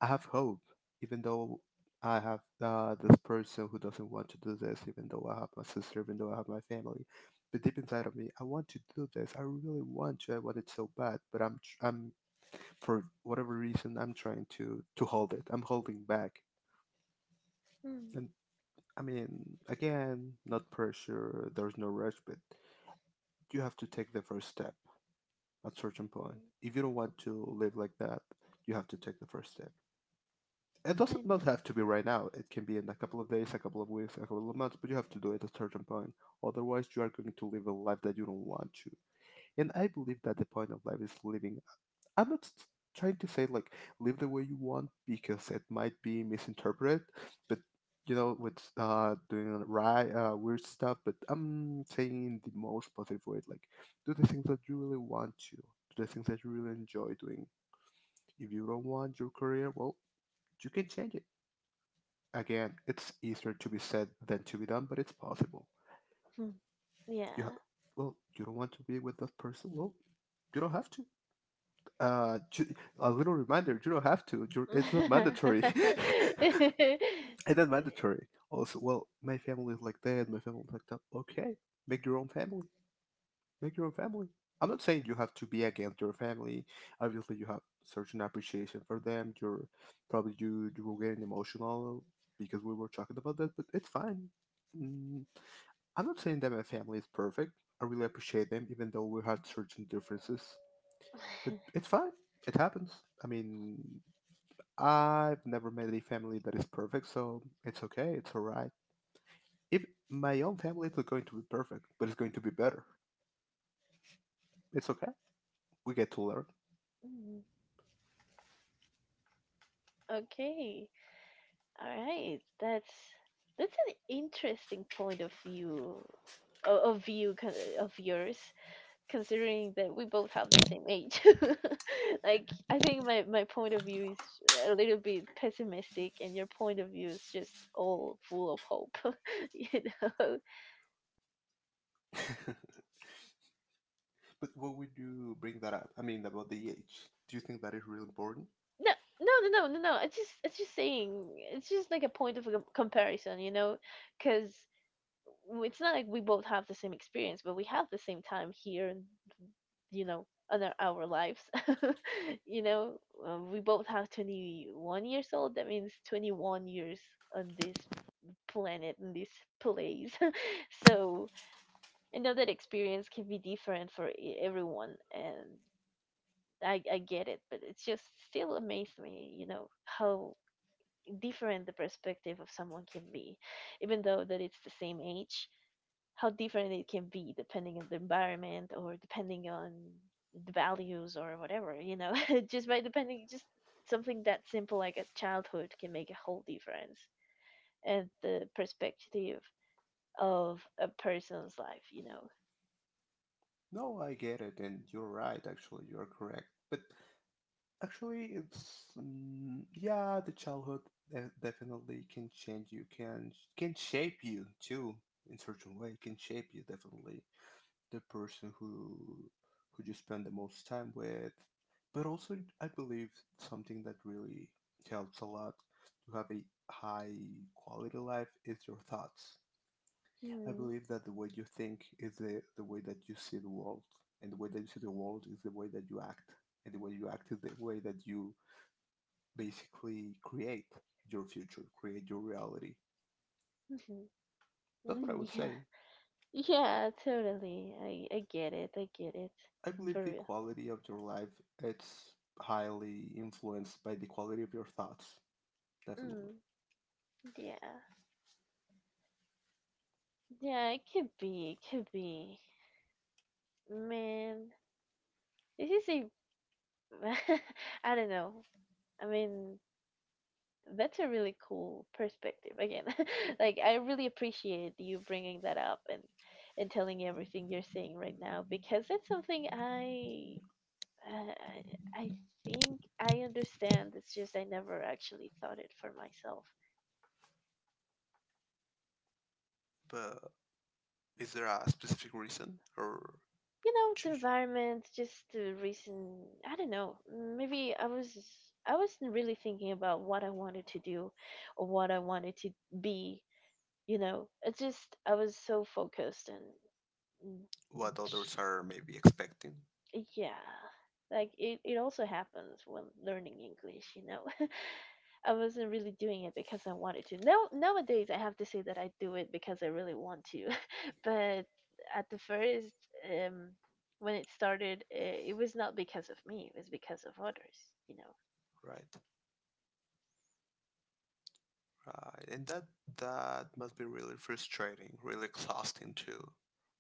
B: I have hope, even though I have this person who doesn't want to do this. Even though I have my sister, even though I have my family, but deep inside of me, I want to do this. I really want to. I want it so bad, but I'm for whatever reason I'm trying to hold it. I'm holding back,
A: Hmm.
B: and I mean, again, not pressure. There's no rush, but you have to take the first step at certain point.
A: Mm,
B: If you don't want to live like that, you have to take the first step. It
A: I
B: doesn't not
A: know.
B: have to be right now. It can be in a couple of days, a couple of weeks, a couple of months, but you have to do it at a certain point. Otherwise, you are going to live a life that you don't want to. And I believe that the point of life is living, I'm not s- trying to say like live the way you want because it might be misinterpreted, but you know, with doing right weird stuff. But I'm saying in the most positive way, like do the things that you really want to, do the things that you really enjoy doing. If you don't want your career, well, you can change it. Again, it's easier to be said than to be done, but it's possible.
A: Hmm,
B: You have,
A: yeah.
B: well, you don't want to be with that person. Well, you don't have to. A little reminder: you don't have to. It's not mandatory. It's not mandatory. Also, well, my family is like that. My family is like that. Okay, make your own family. Make your own family. I'm not saying you have to be against your family. Obviously, you have certain appreciation for them. You're probably you you will get emotional because we were talking about that, but it's fine. Mm, I'm not saying that my family is perfect. I really appreciate them, even though we had certain differences. But it's fine. It happens. I mean, I've never met a family that is perfect, so it's okay. It's all right. If my own family is not going to be perfect, but it's going to be better. It's okay. We get to learn.
A: Mm, okay. All right. that's an interesting point of view, of view, of yours, considering that we both have the same age. Like, I think my point of view is a little bit pessimistic, and your point of view is just all full of hope. You know,
B: But what would you bring that up? I mean, about the age. Do you think that is really important?
A: no, no, no, no, no, no. It's just saying, it's just like a point of comparison, you know, because it's not like we both have the same experience, but we have the same time here, and you know, in our lives. You know, we both have 21 years old. That means 21 years on this planet, in this place. So I know that experience can be different for everyone, and I get it, but it's just still amazed me, you know, how different the perspective of someone can be, even though that it's the same age, how different it can be depending on the environment or depending on the values or whatever, you know, just by depending, just something that simple like a childhood can make a whole difference and the perspective of a person's life, you know.
B: No, I get it, and you're right. Actually, you are correct. But actually, it's yeah, the childhood definitely can change you. Can shape you too in certain way. Can shape you definitely, the person who you spend the most time with. But also I believe something that really helps a lot to have a high quality life is your thoughts. I
A: Mm,
B: believe that the way you think is the way that you see the world, and the way that you see the world is the way that you act, and the way you act is the way that you basically create your reality.
A: mhm,
B: That's what I
A: mm.
B: would
A: Yeah,
B: say.
A: yeah, totally. I get it. I get it.
B: I believe
A: For
B: the
A: real.
B: quality of your life, it's highly influenced by the quality of your thoughts, definitely.
A: Mm, yeah. Yeah, it could be. It could be. Man, this is a. I don't know. I mean, that's a really cool perspective. Again, like, I really appreciate you bringing that up and telling everything you're saying right now because that's something I. Uh, I think I understand. It's just I never actually thought it for myself.
B: But is there a specific reason or
A: You know,
B: to-
A: the environment, just the reason, I don't know, maybe I wasn't really thinking about what I wanted to do or what I wanted to be. You know, it's just I was so focused, and
B: what others are maybe expecting,
A: and yeah, like, it also happens when learning English, you know. I wasn't really doing it because I wanted to. Now nowadays I have to say that I do it because I really want to. But at the first, um when it started, it was not because of me, it was because of others, you know.
B: right? Right, and that must be really frustrating, really exhausting too,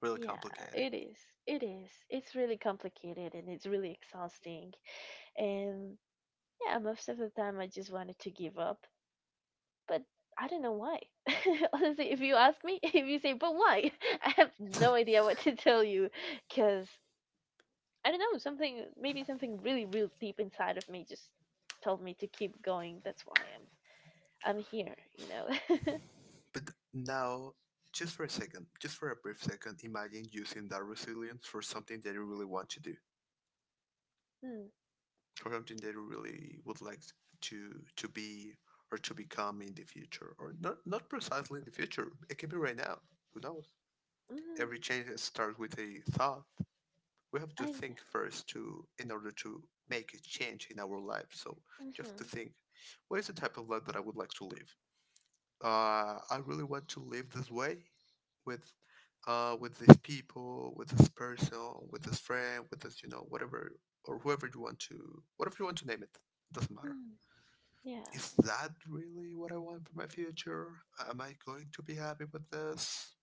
B: really
A: Yeah,
B: complicated.
A: it is. It is. It's really complicated and it's really exhausting. And yeah, most of the time I just wanted to give up, but I don't know why. Honestly, if you ask me, if you say, but why? I have no idea what to tell you because I don't know, something, maybe something really real deep inside of me just told me to keep going. That's why I'm here, you know.
B: But now, just for a second, just for a brief second, imagine using that resilience for something that you really want to do.
A: Mm,
B: Or something they really would like to be or to become in the future, or not precisely in the future, it can be right now, who knows.
A: mm,
B: Every change starts with a thought. We have to
A: I
B: think first to, in order to make a change in our life. So you have to
A: mhm,
B: think, what is the type of life that I would like to live? I really want to live this way, with with these people, with this person, with this friend, with this, you know, whatever or whoever you want to, whatever you want to name it, it doesn't matter.
A: mm, yeah.
B: Is that really what I want for my future? Am I going to be happy with this?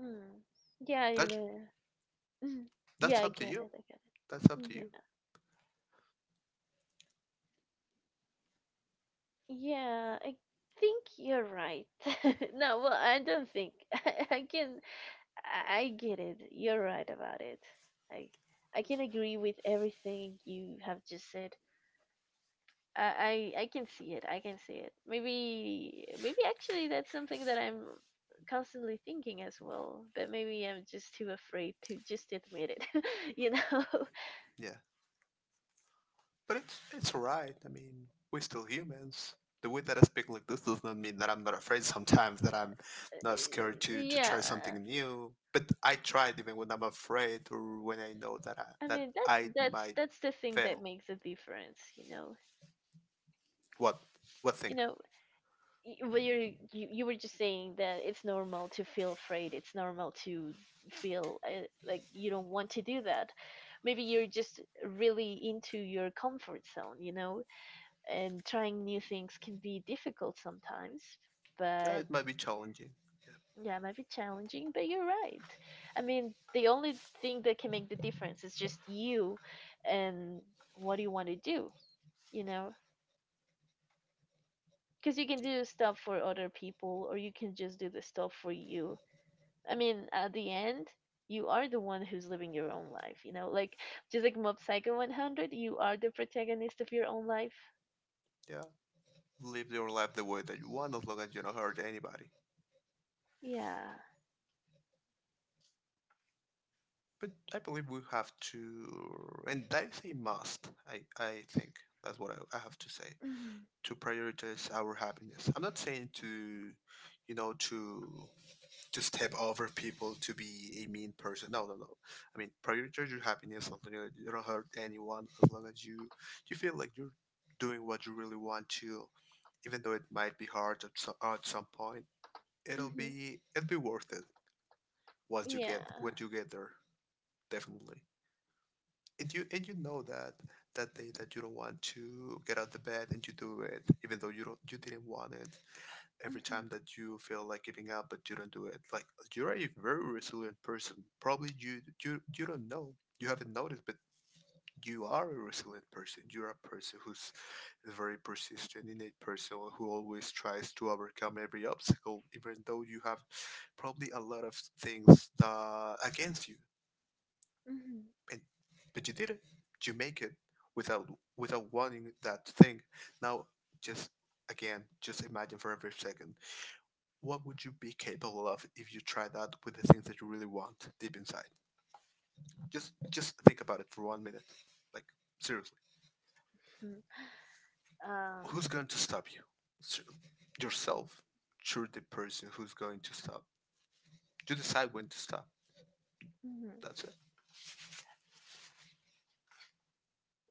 A: Mm, yeah, you
B: That
A: know. Mm, yeah,
B: that's
A: I
B: up to
A: get
B: you.
A: it. I get
B: That's
A: it.
B: up
A: Mm,
B: to you.
A: yeah. Yeah, I think you're right. No, well, I don't think. I can I get it. You're right about it. I I can agree with everything you have just said. I can see it. I can see it. Maybe actually that's something that I'm constantly thinking as well. But maybe I'm just too afraid to just admit it. You know?
B: Yeah. But it's alright. I mean, we're still humans. The way that I speak like this does not mean that I'm not afraid sometimes, that I'm not scared to
A: Yeah.
B: try something new. But I tried even when I'm afraid, or when I know that I,
A: I
B: that
A: mean, that
B: I
A: that's
B: might
A: that's the thing that
B: fail.
A: makes a difference. You know.
B: What what
A: You
B: thing?
A: know. Well, you were just saying that it's normal to feel afraid. It's normal to feel like you don't want to do that. Maybe you're just really into your comfort zone. You know, and trying new things can be difficult sometimes,
B: Yeah,
A: but
B: it might be challenging.
A: yeah, it might be challenging, but you're right. I mean, the only thing that can make the difference is just you and what do you want to do, you know? Because you can do stuff for other people or you can just do the stuff for you. I mean, at the end, you are the one who's living your own life, you know? Like, just like Mob Psycho 100, you are the protagonist of your own life.
B: Yeah, live your life the way that you want, as long as you don't hurt anybody.
A: Yeah.
B: But I believe we have to, and I say must. I think that's what I have to say.
A: Hmm.
B: To prioritize our happiness. I'm not saying to, you know, to step over people, to be a mean person. No, no, no. I mean, prioritize your happiness. As long as you don't hurt anyone, as long as you feel like you're doing what you really want to, even though it might be hard at some point, it'll be
A: Hmm.
B: it'll be worth it once you get,
A: Yeah.
B: when you get there. Definitely. And you know that, that day that you don't want to get out of bed and you do it even though you don't you didn't want it, every
A: Mhm.
B: time that you feel like giving up but you don't do it, like you're a very resilient person. Probably you don't know, you haven't noticed, but you are a resilient person. You're a person who's a very persistent innate person who always tries to overcome every obstacle, even though you have probably a lot of things against you,
A: Mhm.
B: and but you did it. You make it without, without wanting that thing. Now, just, again, just imagine for every second, what would you be capable of if you try that with the things that you really want deep inside? Just think about it for 1 minute. Like, seriously,
A: Mhm. um,
B: who's going to stop you? Ser- Yourself. You're the person who's going to stop. You decide when to stop.
A: mhm.
B: That's it.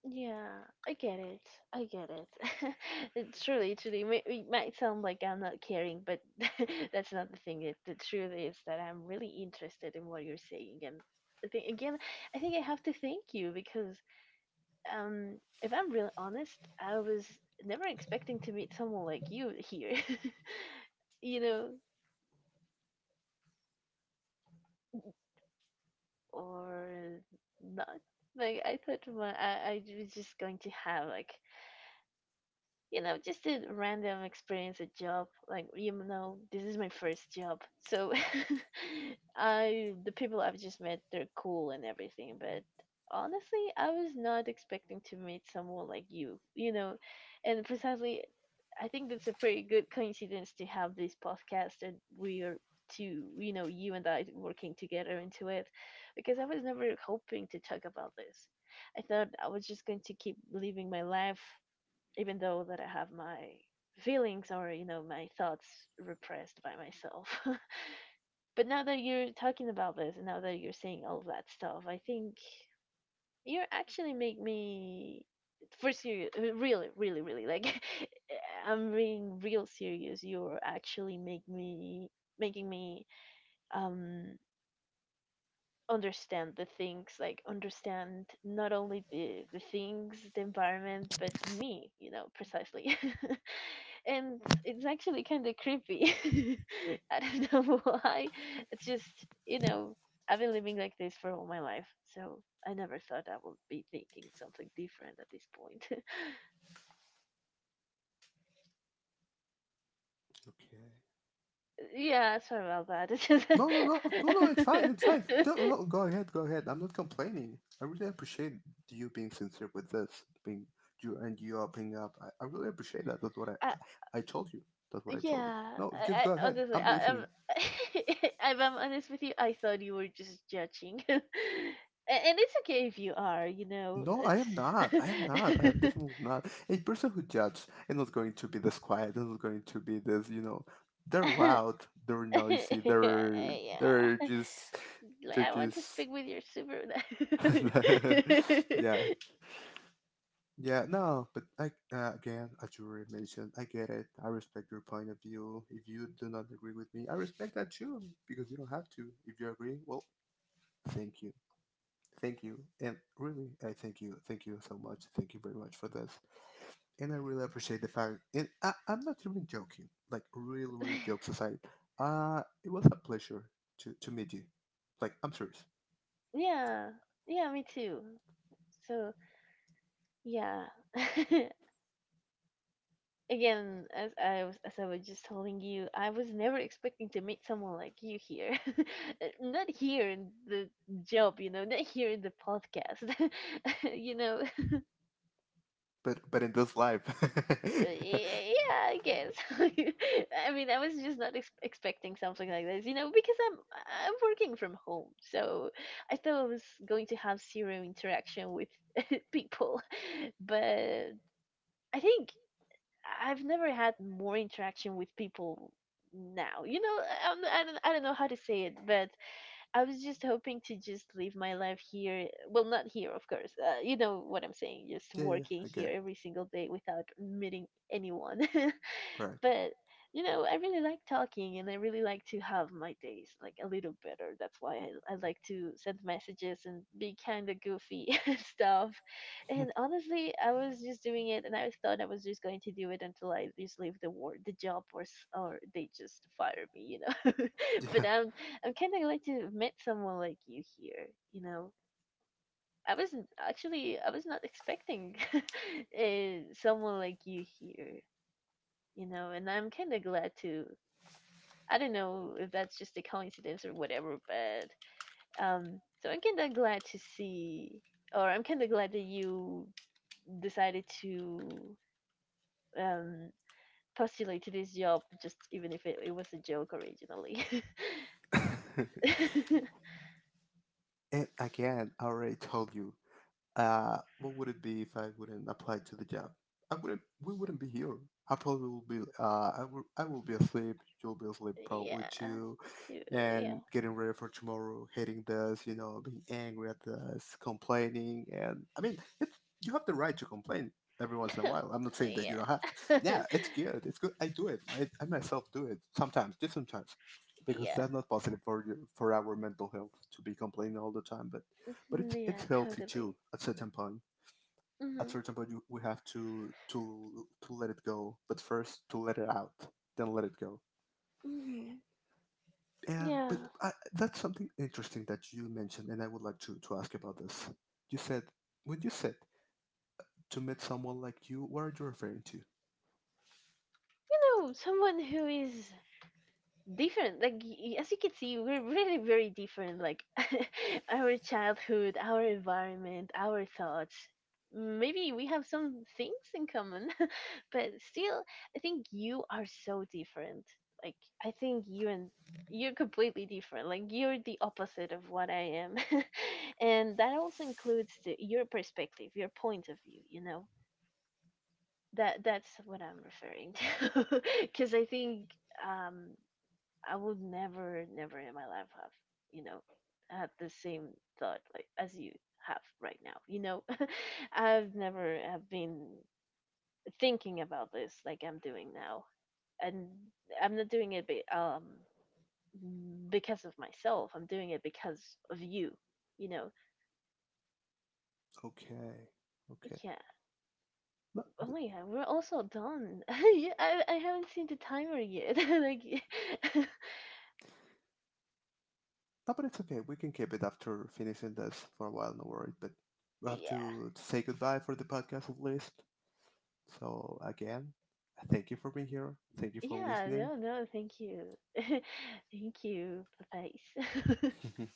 A: Yeah, I get it. I get it. It truly, truly, it might sound like I'm not caring, but that's not the thing. It, the truth is that I'm really interested in what you're saying, and I think again, I think I have to thank you because, if I'm really honest, I was never expecting to meet someone like you here. You know, or not. Like I thought, my I was just going to have like just a random experience at job. Like, you know, this is my first job. So I the people I've just met, they're cool and everything, but honestly, I was not expecting to meet someone like you know. And precisely I think that's a pretty good coincidence to have this podcast and we are to you and I working together into it because I was never hoping to talk about this. I thought I was just going to keep living my life even though that I have my feelings or my thoughts repressed by myself. But now that you're talking about this and now that you're saying all that stuff, I think you actually make me, for serious, really, really, really like, I'm being real serious, you're actually make me, making me, um understand the things, like understand not only the things, the environment, but me, precisely. And it's actually kind of creepy. I don't know why. It's just, I've been living like this for all my life, so I never thought I would be thinking something different at this point.
B: Okay.
A: Yeah, sorry about that. It's just
B: No, no, no, no, no. It's fine. It's fine. No, no, go ahead. Go ahead. I'm not complaining. I really appreciate you being sincere with this, being you, and you opening up. I really appreciate that. That's what I,
A: I,
B: I, I told you. That's what I told you.
A: yeah,
B: No,
A: I,
B: just go
A: I
B: ahead.
A: honestly,
B: I'm listening.
A: if I'm honest with you, I thought you were just judging, and it's okay if you are. You know,
B: No, I am not. I am not. I am
A: it's.
B: definitely not. A person who judges is not going to be this quiet. They're not going to be this, you know, they're loud, they're noisy, they're
A: Yeah,
B: just
A: like
B: they're
A: I want to
B: just
A: speak with your super.
B: yeah. Yeah, no, but I, again, as you already mentioned, I get it. I respect your point of view. If you do not agree with me, I respect that too, because you don't have to. If you agree, well, thank you. Thank you. And really, I thank you. Thank you so much. Thank you very much for this. And I really appreciate the fact. And I'm not even joking. Like, real, real jokes aside, it was a pleasure to meet you. Like, I'm serious,
A: Yeah, yeah, me too. So yeah. Again, as I was just telling you, I was never expecting to meet someone like you here. Not here in the job, not here in the podcast. you know
B: but in this life.
A: yeah, I guess. I mean, I was just not expecting something like this, you know, because I'm working from home. So I thought I was going to have zero interaction with people, but I think I've never had more interaction with people now. You know, I don't know how to say it, but I was just hoping to just live my life here. Well, not here, of course. You know what I'm saying. Just
B: Yeah, yeah, I
A: working
B: get it.
A: here every single day without meeting anyone.
B: Right.
A: But you know, I really like talking and I really like to have my days like a little better. That's why I like to send messages and be kind of goofy and stuff. And honestly, I was just doing it and I thought I was just going to do it until I just leave the job, or they just fire me, you know. But I'm kind of glad to meet someone like you here, you know. I was not expecting someone like you here, you know. And I'm kind of glad to, I don't know if that's just a coincidence or whatever, but so I'm kind of glad to see, or I'm kind of glad that you decided to, um, postulate to this job, just even if it was a joke originally.
B: Yeah.
A: Yeah,
B: And again, I already told you, what would it be if I wouldn't apply to the job? I wouldn't. We wouldn't be here. I probably will be. I will be asleep. You'll be asleep probably too,
A: to
B: and
A: yeah,
B: getting ready for tomorrow, hating this, you know, being angry at this, complaining, and I mean, it, you have the right to complain every once in a while. I'm not saying that you don't have to.
A: yeah,
B: Yeah, it's good. It's good. I do it. I myself do it sometimes, just sometimes, because
A: yeah,
B: that's not positive for your, for our mental health, to be complaining all the time. But
A: mhm,
B: it's
A: yeah,
B: healthy too
A: totally.
B: at certain point. At
A: Hmm.
B: certain point, you, we have to, to let it go, but first to let it out, then let it go.
A: Hmm.
B: And but
A: Yeah, you
B: I, that's something interesting that you mentioned, and I would like to ask about this. You said, when you said to meet someone like you, what are you referring to?
A: know, someone who is different, like y- as you can see, we're really very different, like our childhood, our environment, our thoughts. Maybe we have some things in common, but still I think you are so different. Like I think you and you're completely different, like you're the opposite of what I am. And that also includes your perspective, your point of view, you know. That's what I'm referring to. Because I think, um I would never, never in my life have, you know, had the same thought like as you have right now. You know, I've never have been thinking about this like I'm doing now, and I'm not doing it because of myself. I'm doing it because of you. You know,
B: Okay. Okay.
A: yeah.
B: No, but,
A: Oh yeah, we're also done. Yeah, I haven't seen the timer yet. Like,
B: no, but it's okay, we can keep it after finishing this for a while, no worry. But we have
A: yeah.
B: to say goodbye for the podcast at least. So, again, thank you for being here. Thank you for
A: Yeah,
B: listening.
A: no, no, thank you. Thank you. Bye-bye.